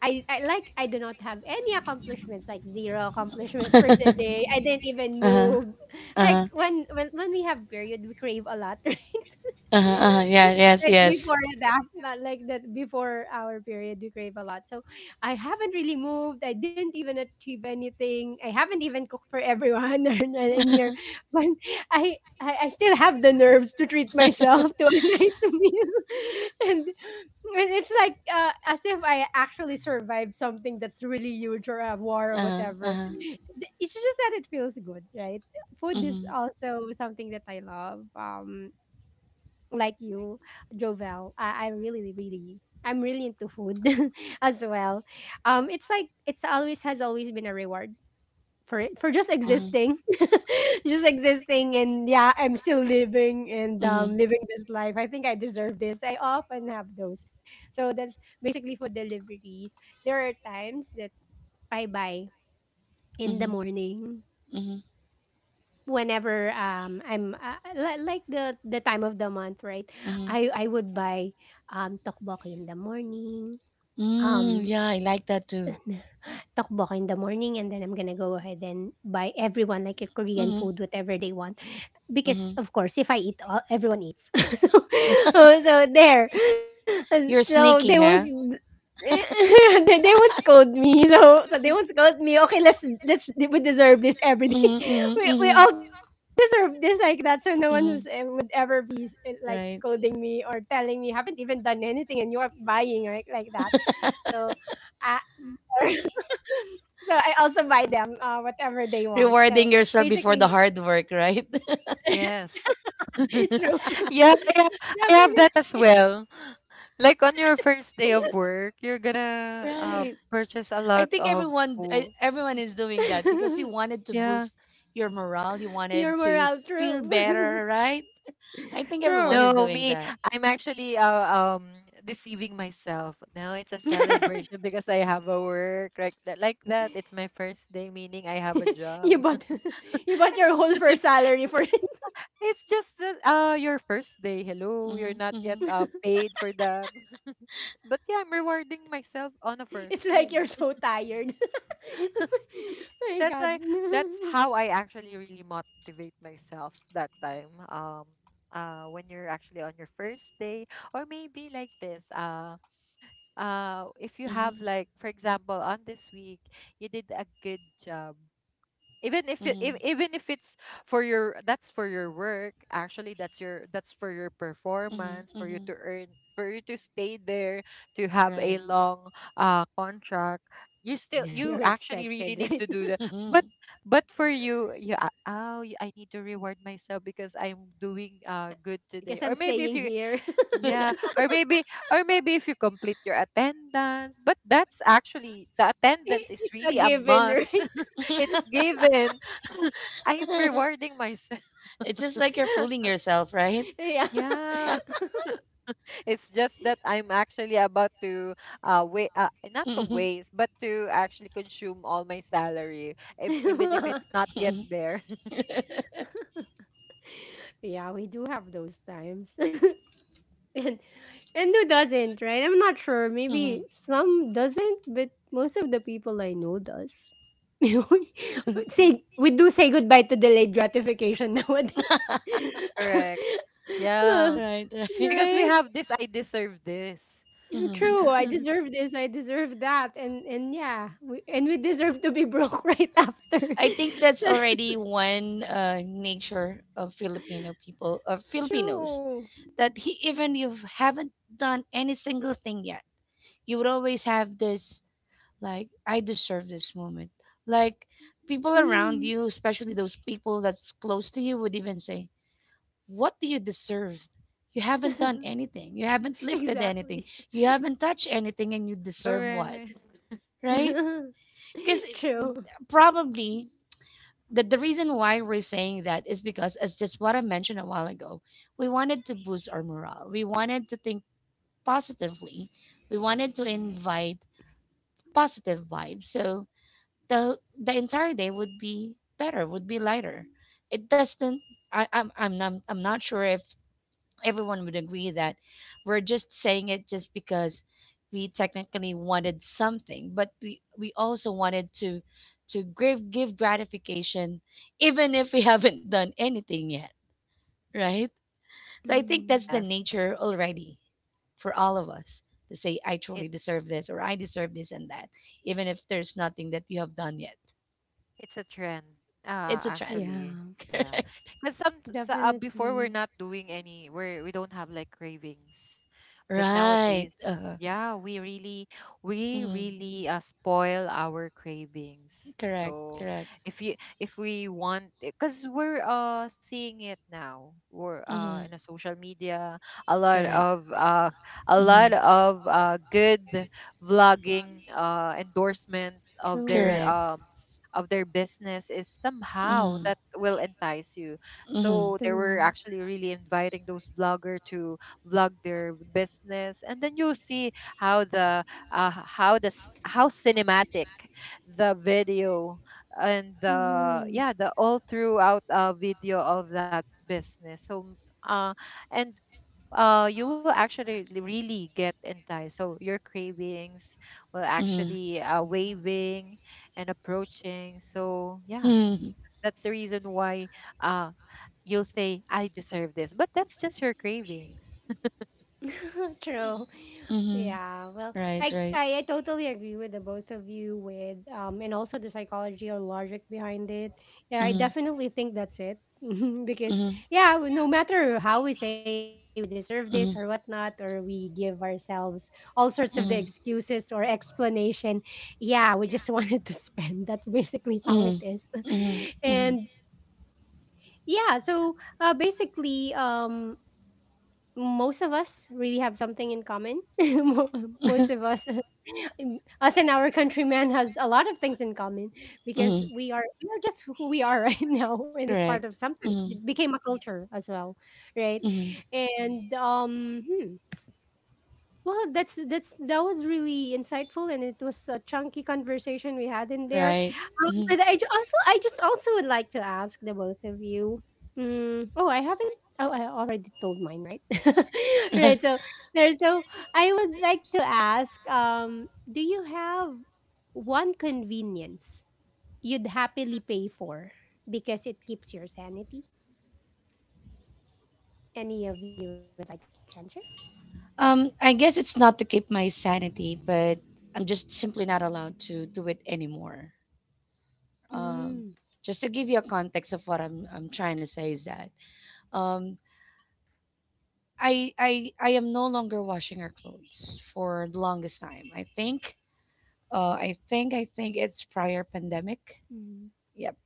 S3: I, I do not have any accomplishments, like zero accomplishments for the day. I didn't even move. Like
S1: Uh-huh.
S3: when we have period, we crave a lot, right?
S1: Uh-huh. Uh-huh. Yeah. Yes.
S3: Right
S1: Yes.
S3: before that, not like that before our period, we crave a lot. So I haven't really moved. I didn't even achieve anything. I haven't even cooked for everyone in here, but I. I still have the nerves to treat myself to a nice meal, and it's like as if I actually survived something that's really huge or a war or
S1: Uh-huh.
S3: whatever.
S1: Uh-huh.
S3: It's just that it feels good, right? Food is
S1: Mhm.
S3: also something that I love. Like you, Jovel, I really, really, I'm really into food as well. It's like it's always has always been a reward for just existing just existing and yeah, I'm still living and
S1: Mhm.
S3: living this life, I think I deserve this. I often have those. So that's basically for deliveries. There are times that I buy in the
S1: Mhm.
S3: morning
S1: Mhm.
S3: whenever I'm like the time of the month, right?
S1: Mhm.
S3: I would buy tteokbokki in the morning.
S1: Mm,
S3: Um,
S1: yeah, I like that too.
S3: takbo ako in the morning and then I'm gonna go ahead and buy everyone like a Korean
S1: Mm-hmm.
S3: food, whatever they want. Because of course, if I eat, all, everyone eats. So, oh, so there, and
S1: You're
S3: so they won't they won't scold me. So they won't scold me. Okay, let's we deserve this every day. We all
S1: Mhm,
S3: deserve this like that. So no one was, eh, would ever be eh, like scolding
S1: right.
S3: me or telling me you haven't even done anything and you're buying right like that. So I so I also buy them whatever they want. So
S1: Rewarding yourself before
S3: basically,
S1: the hard work, right?
S2: Yes.
S3: true.
S2: yeah, I have that as well. Like on your first day of work, you're gonna
S3: Definitely.
S2: purchase a
S1: I
S2: lot
S1: think
S2: of
S1: everyone e-
S2: food.
S1: everyone is doing that because you wanted to
S2: Yeah.
S1: boost your morale, you
S3: Your
S1: wanted to
S3: morale,
S1: feel
S3: true.
S1: better, right?
S3: True.
S2: No, me, I'm actually deceiving myself. No, it's a celebration because I have a work like that. Like that, it's my first day, meaning I have a
S3: You
S2: job.
S3: bought you bought
S2: it's
S3: your whole
S2: just a-
S3: first salary for it.
S2: It's just your first day. Hello, you're
S1: Mm-hmm,
S2: not yet
S1: mm-hmm,
S2: paid for that. but yeah, I'm rewarding myself on a
S3: It's
S2: first
S3: like you're
S2: day.
S3: so tired. My
S2: that's
S3: God.
S2: I that's how I actually really motivate myself that time. When you're actually on your first day or maybe like this if you have
S1: mm-hmm,
S2: like for example on this week you did a good job
S1: mm-hmm,
S2: even if it's for your that's for your work actually that's for your performance for you
S1: mm-hmm.
S2: to earn for you to stay there to have a long contract
S3: Yeah,
S2: you
S3: you're
S2: actually really
S3: expected,
S2: need
S3: right?
S2: to do the but
S1: Mm-hmm.
S2: but for you you a- oh you, I need to reward myself because I'm doing good today.
S3: Because I'm
S2: Or maybe if
S3: staying
S2: you
S3: here.
S2: yeah, or maybe if you complete your attendance, but that's actually the
S3: I-
S2: attendance is
S3: it's a
S2: really a
S3: given,
S2: must.
S3: right?
S2: It's given. I'm rewarding myself.
S1: You're fooling yourself, right?
S2: Yeah. It's just that I'm actually about to wait not to waste, but to actually consume all my salary if even if
S3: Yeah.
S2: it's not yet
S1: Mhm,
S2: there.
S3: Yeah, we do have those times. and and who doesn't, right? I'm not sure, maybe some doesn't, but most of the people I know does. We say we do say goodbye to delayed gratification nowadays.
S2: Correct.
S3: Uh,
S2: Yeah.
S1: right.
S2: Because we
S3: right,
S2: have this I deserve this.
S1: Mm-hmm.
S3: true, I deserve this, I deserve that, and yeah we, and we deserve to be broke right after.
S1: I think that's already one nature of Filipino people, of Filipinos,
S3: True.
S1: that he, even you haven't done any single thing yet, you would always have this, like, I deserve this moment. Like, people around
S3: Mm.
S1: you, especially those people that's close to you would even say, what do you deserve? You haven't done anything, you haven't lifted anything,
S3: Exactly.
S1: you haven't touched anything, and you deserve what,
S2: Correct.
S1: right? Because
S3: True.
S1: probably, the reason why we're saying that is because, as just what I mentioned a while ago, we wanted to boost our morale, we wanted to think positively, we wanted to invite positive vibes, so the the entire day would be better, would be lighter. It doesn't. I'm not sure if everyone would agree that we're just saying it just because we technically wanted something, but we also wanted to give gratification, even if we haven't done anything yet, right? So I think
S3: Mm.
S1: that's the
S2: Yes,
S1: nature already for all of us, to say I
S2: it
S1: truly deserve this or I deserve this and that, even if there's nothing that you have done yet.
S2: It's a trend,
S1: It's a trend.
S2: actually.
S3: Yeah,
S2: Yeah, because some so, before we're
S3: definitely.
S2: not doing any, we don't have like cravings, but
S1: Right.
S2: nowadays,
S1: Uh-huh.
S2: yeah, we
S1: Mhm,
S2: really spoil our cravings. So if you if we want, because we're seeing it now, we're in
S1: mhm,
S2: a social media, a lot of uh a lot
S1: mhm,
S2: of good vlogging endorsements
S3: True,
S2: of their business is somehow that will entice you. So they were
S3: true.
S2: actually really inviting those vlogger to vlog their business, and then you'll see how the uh, how cinematic the video and the
S3: Mm-hmm.
S2: yeah the all throughout video of that business. So uh, and you will actually really get enticed so your cravings will
S1: mhm,
S2: actually waving and approaching so yeah
S1: mhm,
S2: that's the reason why uh you'll say I deserve this but that's just your cravings
S3: True.
S1: mhm.
S3: Yeah, well,
S1: Right, right.
S3: I totally agree with the both of you with and also the psychology or logic behind it. Yeah, I
S1: Mhm,
S3: definitely think that's it. Mhm, because
S1: mhm,
S3: yeah, no matter how we say we deserve this or
S1: mhm,
S3: whatnot, or we give ourselves all sorts of the excuses or explanation, yeah, we just wanted to spend. That's basically how it is.
S1: mhm, mhm,
S3: And yeah, so basically, most of us really have something in common. Most of us, us and our countrymen, has a lot of things in common because
S1: mhm,
S3: we are just who we are right now, and it's part of sometimes it became a culture as well, right?
S1: mhm.
S3: And hmm. Well, that's that was really insightful, and it was a chunky conversation we had in there. But I also, I just also would like to ask the both of you. Mm, oh, I haven't. Oh, I already told mine, right? Right. So there. So I would like to ask. Do you have one convenience you'd happily pay for because it keeps your sanity? Any of you would like to answer?
S1: I guess it's not to keep my sanity, but I'm just simply not allowed to do it anymore.
S3: Mm,
S1: Um, just to give you a context of what I'm trying to say is that um I am no longer washing our clothes for the longest time. I think it's prior
S3: mm.
S1: pandemic. Yep.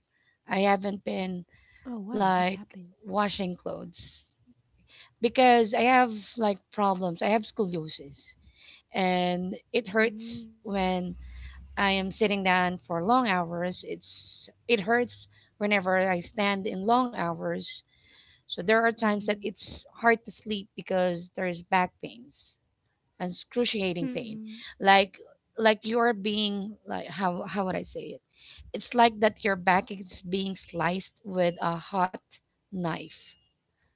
S1: I haven't
S3: Oh, why?
S1: been
S3: What happened?
S1: like washing clothes because I have like problems. I have scoliosis, and it
S3: Mm.
S1: hurts when I am sitting down for long hours. It hurts whenever I stand in long hours. So there are
S3: Mhm.
S1: times that it's hard to sleep because there is back pains, excruciating
S3: Mhm.
S1: pain. Like like you're being like, how would I say it? It's like that your back is being sliced with a hot knife,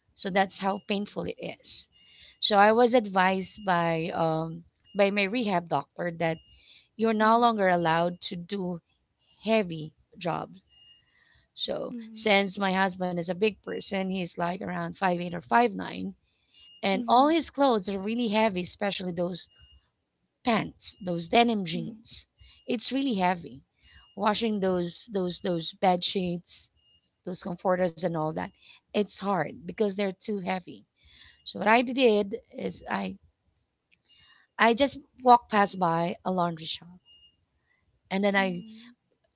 S1: so that's how painful it is. So I was advised by my rehab doctor that you're
S3: Mhm.
S1: no longer allowed to do heavy jobs. So since my husband is a big person, he's like around 5'8" or 5'9", and
S3: Mhm.
S1: all his clothes are really heavy, especially those pants, those denim
S3: Mhm.
S1: jeans. It's really heavy. Washing those bed sheets, those comforters and all that, it's hard because they're too heavy. So what I did is I just walked past by a laundry shop, and then I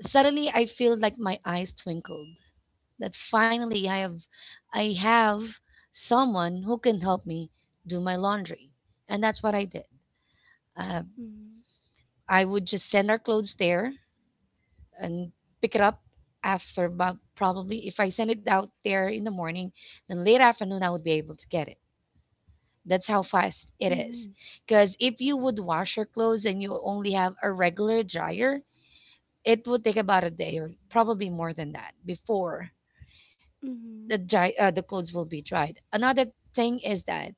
S1: suddenly I feel like my eyes twinkled that finally I have someone who can help me do my laundry. And that's what I did. Uh,
S3: Mhm.
S1: I would just send our clothes there and pick it up after about, probably if I send it out there in the morning, then late afternoon I would be able to get it. That's how fast
S3: Mhm.
S1: it is. Because if you would wash your clothes and you only have a regular dryer, it would take about a day or probably more than that before
S3: Mhm.
S1: the clothes will be dried. Another thing is that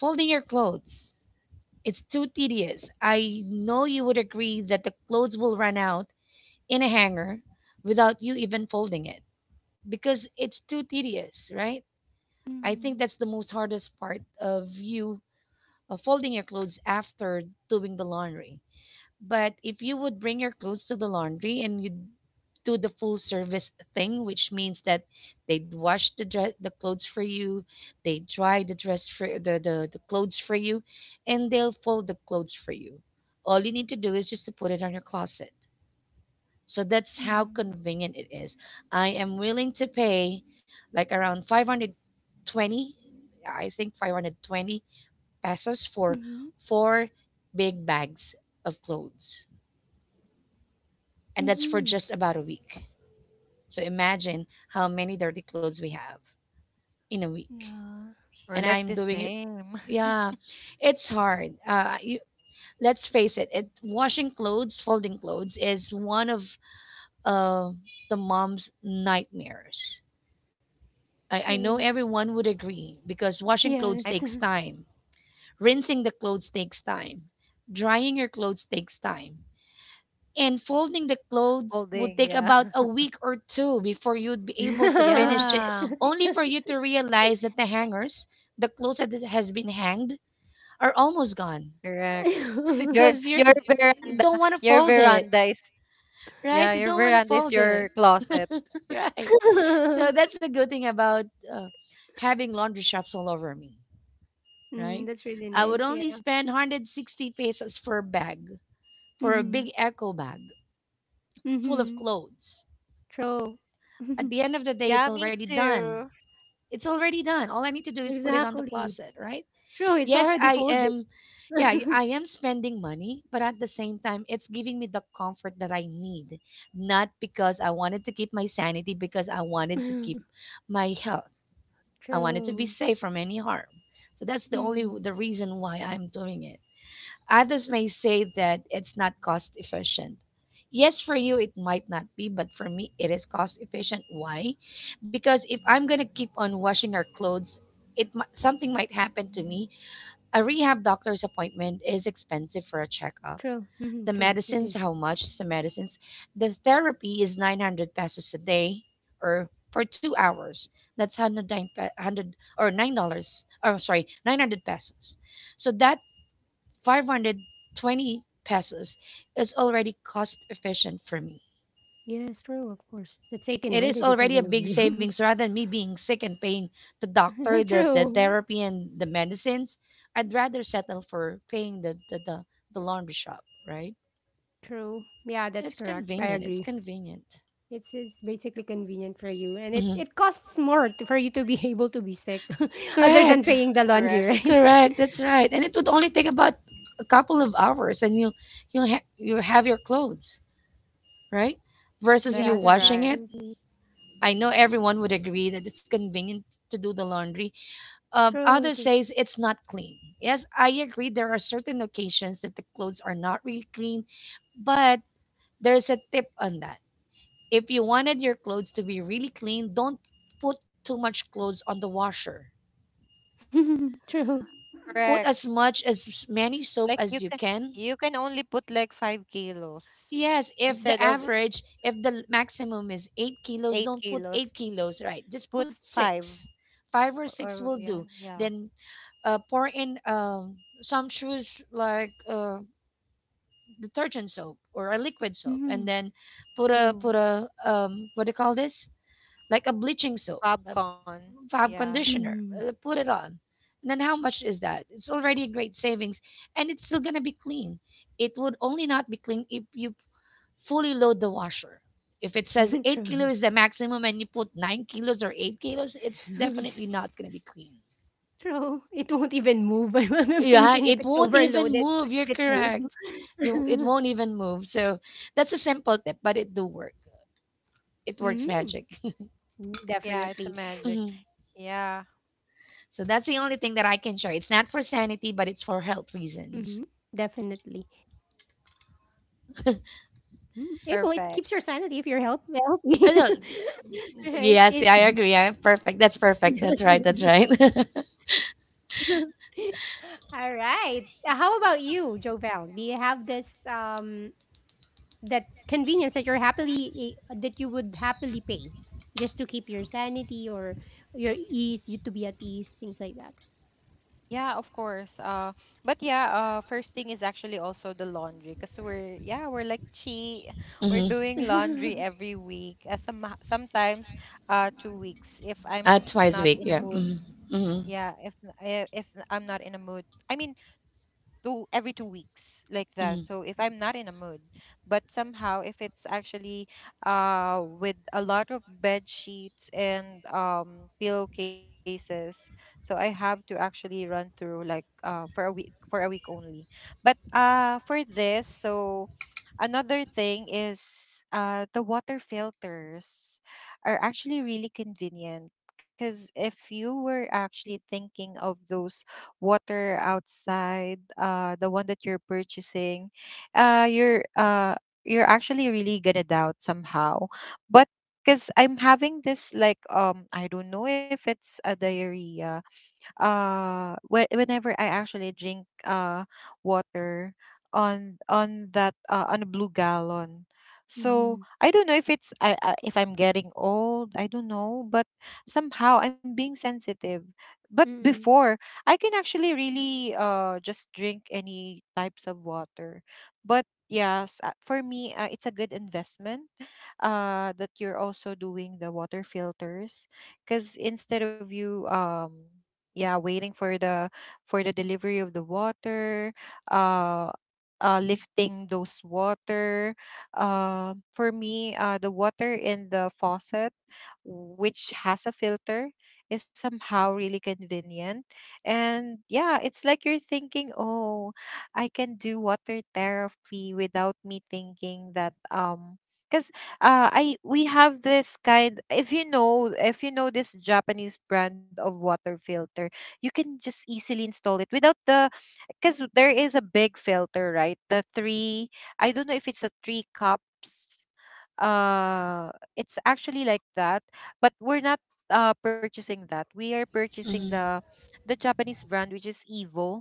S1: folding your clothes, it's too tedious. I know you would agree that the clothes will run out in a hanger without you even folding it, because it's too tedious, right? I
S3: Mhm.
S1: think that's the most hardest part of you folding your clothes after doing the laundry. But if you would bring your clothes to the laundry and you do the full service thing, which means that they'd wash the dress, the clothes for you, they dry the dress for the clothes for you, and they'll fold the clothes for you. All you need to do is just to put it on your closet. So
S3: Mhm.
S1: that's how
S3: Mhm.
S1: convenient it is. I am willing to pay like around 520, I think 520
S3: Mhm. Mhm.
S1: pesos for four big bags of clothes. And
S3: Mhm.
S1: that's for just about a week. So imagine how many dirty clothes we have in a week.
S3: Yeah.
S2: we're
S1: And
S2: like
S1: I'm
S2: the
S1: doing it.
S2: same
S1: Yeah, it's hard. Let's face it. Washing clothes, folding clothes is one of uh, the mom's nightmares. I know
S3: True.
S1: everyone would agree because washing clothes
S2: I
S3: Yes.
S2: feel
S1: takes time, rinsing the clothes takes time, drying your clothes takes time. And folding the clothes would
S2: holding
S1: take
S2: yeah
S1: about a week or two before you'd be able to finish it,
S2: yeah
S1: only for you to realize that the hangers, the clothes that has been hanged, are almost gone.
S2: correct your
S1: Because you're
S2: your veranda your veranda is
S1: right,
S2: yeah
S1: you
S2: your
S1: don't want.
S2: veranda is your closet
S1: Right. So that's the good thing about uh, having laundry shops all over me,
S3: Mm,
S1: right?
S3: that's really
S1: I
S3: nice.
S1: would
S3: Yeah.
S1: only spend 160 pesos for a bag, for a
S3: Mm-hmm.
S1: big eco bag full of
S3: Mm-hmm.
S1: clothes.
S3: True.
S1: At the end of the day, it's
S2: yeah me
S1: already done.
S2: too
S1: It's already done. All I need to do is put it on the
S3: Exactly.
S1: closet, right?
S3: True. It's
S1: Yes,
S3: already
S1: I
S3: folded.
S1: am yeah, I am spending money, but at the same time it's giving me the comfort that I need, not because I wanted to keep my sanity, because I wanted to keep my health. I wanted to be
S3: True.
S1: safe from any harm. So that's the only
S3: Mm,
S1: the reason why I'm doing it. Others may say that it's not cost efficient. Yes, for you it might not be, but for me it is cost efficient. Why? Because if I'm gonna keep on washing our clothes, something might happen to me. A rehab doctor's appointment is expensive for a checkup.
S3: true. Mm,
S1: The
S3: true. It
S1: medicines,
S3: is.
S1: how much the medicines? The therapy is 900 pesos a day or for 2 hours. That's 100, or $9. Or sorry, 900 pesos. So that 520 pesos is already cost efficient for me.
S3: Yes, true, of course. That's
S1: It is
S3: 1800 if you're
S1: already a
S3: gonna
S1: big
S3: be
S1: savings rather than me being sick and paying the doctor, the
S3: true,
S1: therapy, and the medicines. I'd rather settle for paying the laundry shop, right?
S3: true. Yeah,
S1: And
S3: that's
S1: it's
S3: correct. I
S1: convenient. It's
S3: agree.
S1: convenient.
S3: It's basically convenient for you, and it
S1: hmm
S3: it costs more to, for you to be able to be sick, other than
S1: Correct,
S3: paying the
S2: correct
S3: laundry, right?
S1: correct. That's right. And it would only take about a couple of hours, and you have your clothes, right? Versus
S2: that
S1: you
S3: Yeah,
S2: is
S1: washing
S2: right
S1: it.
S3: definitely.
S1: I know everyone would agree that it's convenient to do the laundry.
S3: True, it
S1: Others
S3: is.
S1: says it's not clean. Yes, I agree. There are certain occasions that the clothes are not really clean, but there's a tip on that. If you wanted your clothes to be really clean, don't put too much clothes on the washer.
S3: True.
S2: correct.
S1: Put as much as many soap
S2: Like
S1: as you can.
S2: you can only put like 5 kilos
S1: Yes, if the
S2: instead of
S1: average, if the maximum is 8 kilos,
S2: eight
S1: don't put eight
S2: kilos.
S1: kilos, right? Just put
S2: Put five
S1: six. Five or six
S2: or
S1: will
S2: yeah,
S1: do.
S2: yeah.
S1: Then pour in some shoes, like detergent soap or a liquid soap,
S3: Mm-hmm.
S1: and then
S3: True.
S1: put a what do you call this, like a bleaching soap, a
S2: Popcorn.
S1: fab
S2: Yeah.
S1: conditioner,
S3: Mm.
S1: put it on. And then how much is that? It's already a great savings, and it's still going to be clean. It would only not be clean if you fully load the washer. If it says 8 kilo
S3: True.
S1: is the maximum and you put 9 kilos or 8 kilos, it's definitely not going to be clean.
S3: True. It won't even move. I'm
S1: Right,
S3: thinking if
S1: it
S3: it's
S1: won't even
S3: overloaded,
S1: move. You're
S3: would it
S1: correct.
S3: move?
S1: You, it won't even move. So that's a simple tip, but it do work. It works
S3: Mm-hmm.
S1: magic.
S2: Yeah, it's a
S3: Definitely.
S2: magic.
S1: Mhm.
S2: Yeah.
S1: So that's the only thing that I can share. It's not
S3: Mhm,
S1: for sanity, but it's for
S3: definitely.
S1: health reasons.
S3: Mm, eh, well, it keeps your sanity if you're
S2: Perfect.
S3: health healthy.
S1: No,
S3: Right? It
S1: yes, I agree. I, perfect. That's perfect. That's right. That's right.
S3: alright. How about you, Jovel? Do you have this, that convenience that you're happily eh, that you would happily pay just to keep your sanity or your ease, you to be at ease, things like that?
S2: Yeah, of course. But yeah, first thing is actually also the laundry because we're yeah, we're like chi we're doing laundry every week. Sometimes 2 weeks if I'm not in a mood. Yeah,
S1: Mhm,
S2: if I'm not in a mood. I mean two every 2 weeks like that so if I'm not in a mood but somehow if it's actually with a lot of bed sheets and pillowcases so I have to actually run through like for a week only. But for this so another thing is the water filters are actually really convenient because if you were actually thinking of those water outside, the one that you're purchasing, uh, you're uh, you're actually really gonna doubt somehow. But because I'm having this like I don't know if it's a diarrhea whenever I actually drink water on that on a blue gallon. So
S3: Mhm.
S2: I don't know if it's I if I'm getting old, I don't know, but somehow I'm being sensitive. But
S3: Mm.
S2: before, I can actually really just drink any types of water. But yes, for me, it's a good investment that you're also doing the water filters because instead of you yeah, waiting for the delivery of the water uh lifting those water. For me, the water in the faucet, which has a filter, is somehow really convenient. And yeah, it's like you're thinking, oh, I can do water therapy without me thinking that. Because I We have this kind, if you know this Japanese brand of water filter, you can just easily install it without the, because there is a big filter, right? The three, I don't know if it's a three cups, uh it's actually like that. But we're not purchasing that. We are purchasing
S1: mhm,
S2: the Japanese brand, which is Evo.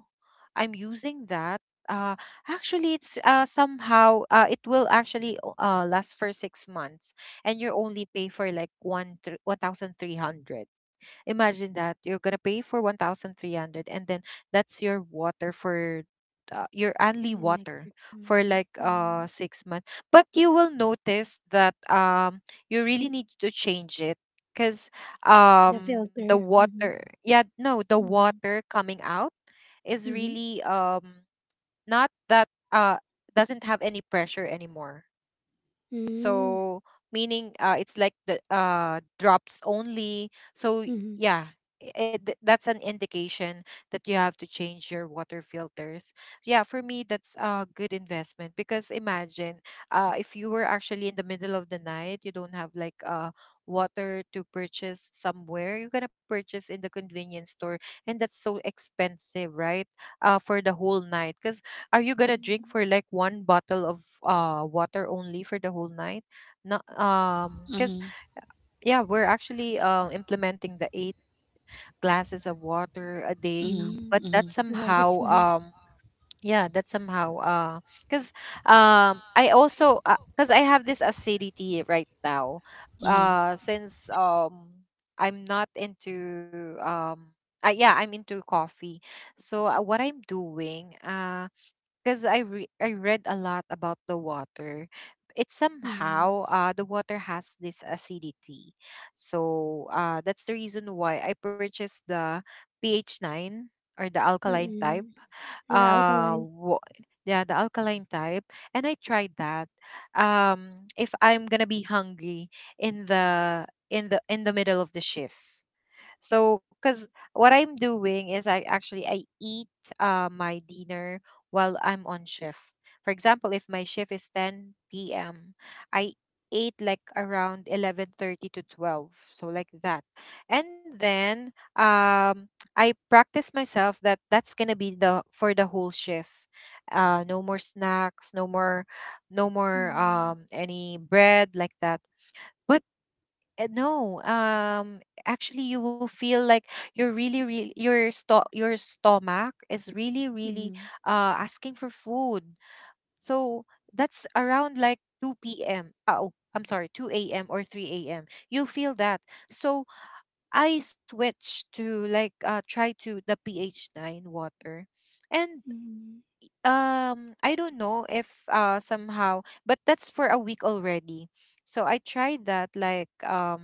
S2: I'm using that. uh Actually it's somehow it will actually last for 6 months, and you only pay for like 1300. Imagine that you're gonna pay for 1300, and then that's your water for, your only
S3: The next
S2: water
S3: 6
S2: for
S3: months,
S2: like
S3: yeah.
S2: 6 months. But you will notice that you really need to change it, because
S3: The
S2: the
S3: filter.
S2: water,
S3: Mhm.
S2: yeah, no, the
S3: Mhm.
S2: water coming out is
S3: Mhm.
S2: really not that, uh doesn't have any pressure anymore.
S3: Hmm,
S2: So meaning, it's like the, drops only. So
S3: mhm.
S2: yeah, that's an indication that you have to change your water filters. Yeah, for me that's a good investment, because imagine, if you were actually in the middle of the night, you don't have like, water to purchase somewhere. You're gonna purchase in the convenience store, and that's so expensive, right? For the whole night, because, are you gonna drink
S3: Mm.
S2: for like one bottle of water only for the whole night? Not cause, yeah, we're actually implementing the 8 glasses of water a day.
S1: mhm,
S3: Mm.
S2: But that
S1: mhm,
S3: Wow, that's
S2: somehow
S3: nice.
S2: um yeah that somehow uh because I also, because I have this acidity right now,
S1: mhm, mhm,
S2: since, I'm not into, yeah, I'm into coffee. So what I'm doing, because I read a lot about the water. It's
S3: Mhm,
S2: somehow, the water has this acidity, so that's the reason why I purchased the pH nine or the
S3: mm.
S2: alkaline
S3: Mm-mm.
S2: type.
S3: Yeah, alkaline.
S2: Uh, wa- yeah, the alkaline type, and I tried that. If I'm gonna be hungry in the in the middle of the shift. So, because what I'm doing is I actually I eat, my dinner while I'm on shift. For example, if my shift is 10 p.m., I ate like around 11:30 to 12, so like that. And then I practice myself that that's gonna be the for the whole shift. No more snacks, no more, no more
S3: Mm.
S2: any bread like that. But no, actually you will feel like you're really really, your your stomach is really really
S3: Mhm.
S2: asking for food. So that's around like 2 p.m., oh, I'm sorry, 2 a.m. or 3 a.m., you'll feel that. So I switched to like try to the pH 9 water. And
S3: Mm.
S2: I don't know if, somehow, but that's for a week already. So I tried that like,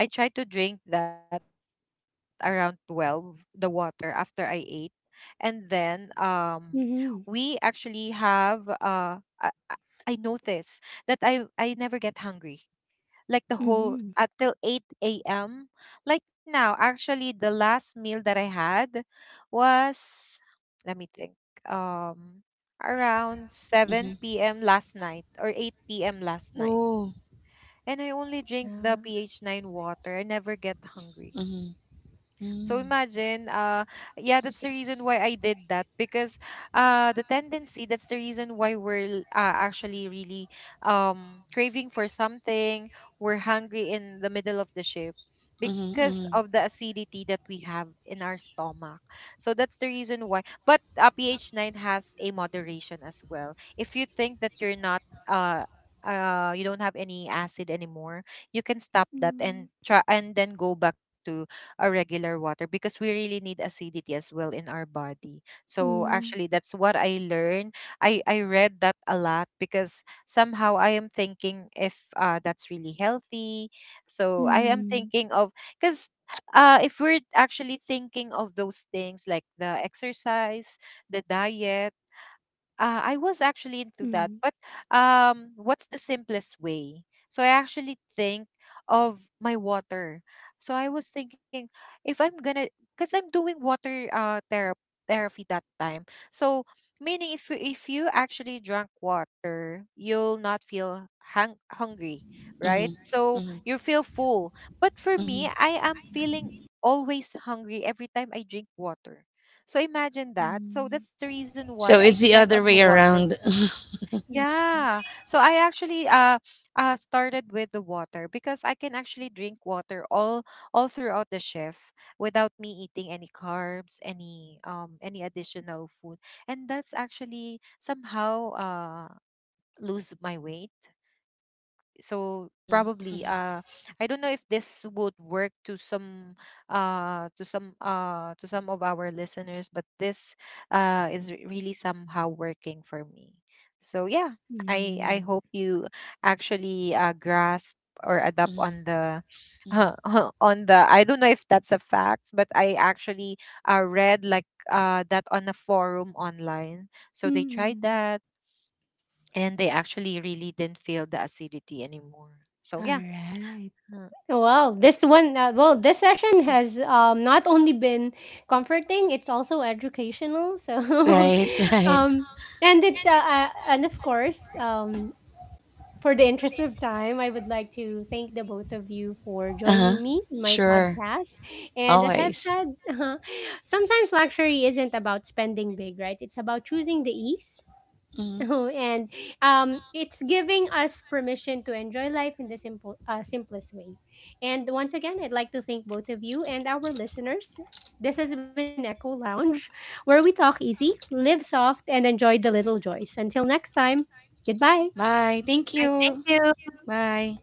S2: I tried to drink that around 12, the water, after I ate. And then we
S3: Mhm,
S2: actually have, I noticed that I never get hungry. Like the whole
S3: mhm.
S2: until 8 a.m. Like now, actually the last meal that I had was, let me think. Um around 7 p.m. last night or 8 p.m. last night,
S1: oh,
S2: and I only
S3: Yeah.
S2: drink the pH 9 water. I never get hungry.
S1: mhm,
S2: So
S1: mm,
S2: imagine, yeah, that's the reason why I did that, because, the tendency, that's the reason why we're, actually really, craving for something. We're hungry in the middle of the shift
S1: mhm,
S2: because of the acidity that we have in our stomach. So that's the reason why. But pH 9 has a moderation as well. If you think that you're not, uh, you don't have any acid anymore, you can stop that and
S3: Mm.
S2: try, and then go back to a regular water, because we really need acidity as well in our body. So
S3: Mm.
S2: actually that's what I learned. I read that a lot, because somehow I am thinking if that's really healthy. So I am
S3: Mm.
S2: thinking of, cuz if we're actually thinking of those things like the exercise, the diet, I was actually into
S3: Mm.
S2: that. But what's the simplest way? So I actually think of my water. So I was thinking, if I'm gonna, because I'm doing water therapy, therapy that time. So meaning, if you actually drank water, you'll not feel hungry, right?
S1: mhm,
S2: So
S1: mhm,
S2: you feel full. But for
S1: mhm.
S2: me, I am feeling always hungry every time I drink water. So imagine that. So that's the reason
S1: So
S2: why I
S1: it's the
S2: check
S1: other
S2: on the
S1: way
S2: water.
S1: around.
S3: Mm.
S2: Yeah. So I actually started with the water because I can actually drink water all throughout the shift without me eating any carbs, any additional food. And that's actually somehow lose my weight. So
S1: Mhm,
S2: probably
S1: mhm,
S2: I don't know if this would work to some, to some of our listeners, but this really somehow working for me. So yeah, I
S3: Mm.
S2: hope you actually grasp or adapt on
S1: mhm,
S2: the
S1: mhm.
S2: on the, I don't know if that's a fact, but I actually read like, that on a forum online. So they tried
S3: Mm.
S2: that, and they actually really didn't feel the acidity anymore. So yeah.
S3: Alright.
S2: Mm.
S3: Well, this one, well, this session has not only been comforting, it's also educational. So, um, and it's, and of course, for the interest of time, I would like to thank the both of you for
S1: Right.
S3: joining me in my podcast. And as I've said, sometimes luxury isn't about spending big, right? It's about choosing the ease
S1: Mhm.
S3: and it's giving us permission to enjoy life in the simple, simplest way. And once again, I'd like to thank both of you and our listeners. This has been Echo Lounge, where we talk easy, live soft, and enjoy the little joys. Until next time, goodbye.
S1: Thank
S2: Right,
S1: you.
S2: thank you.
S1: Bye.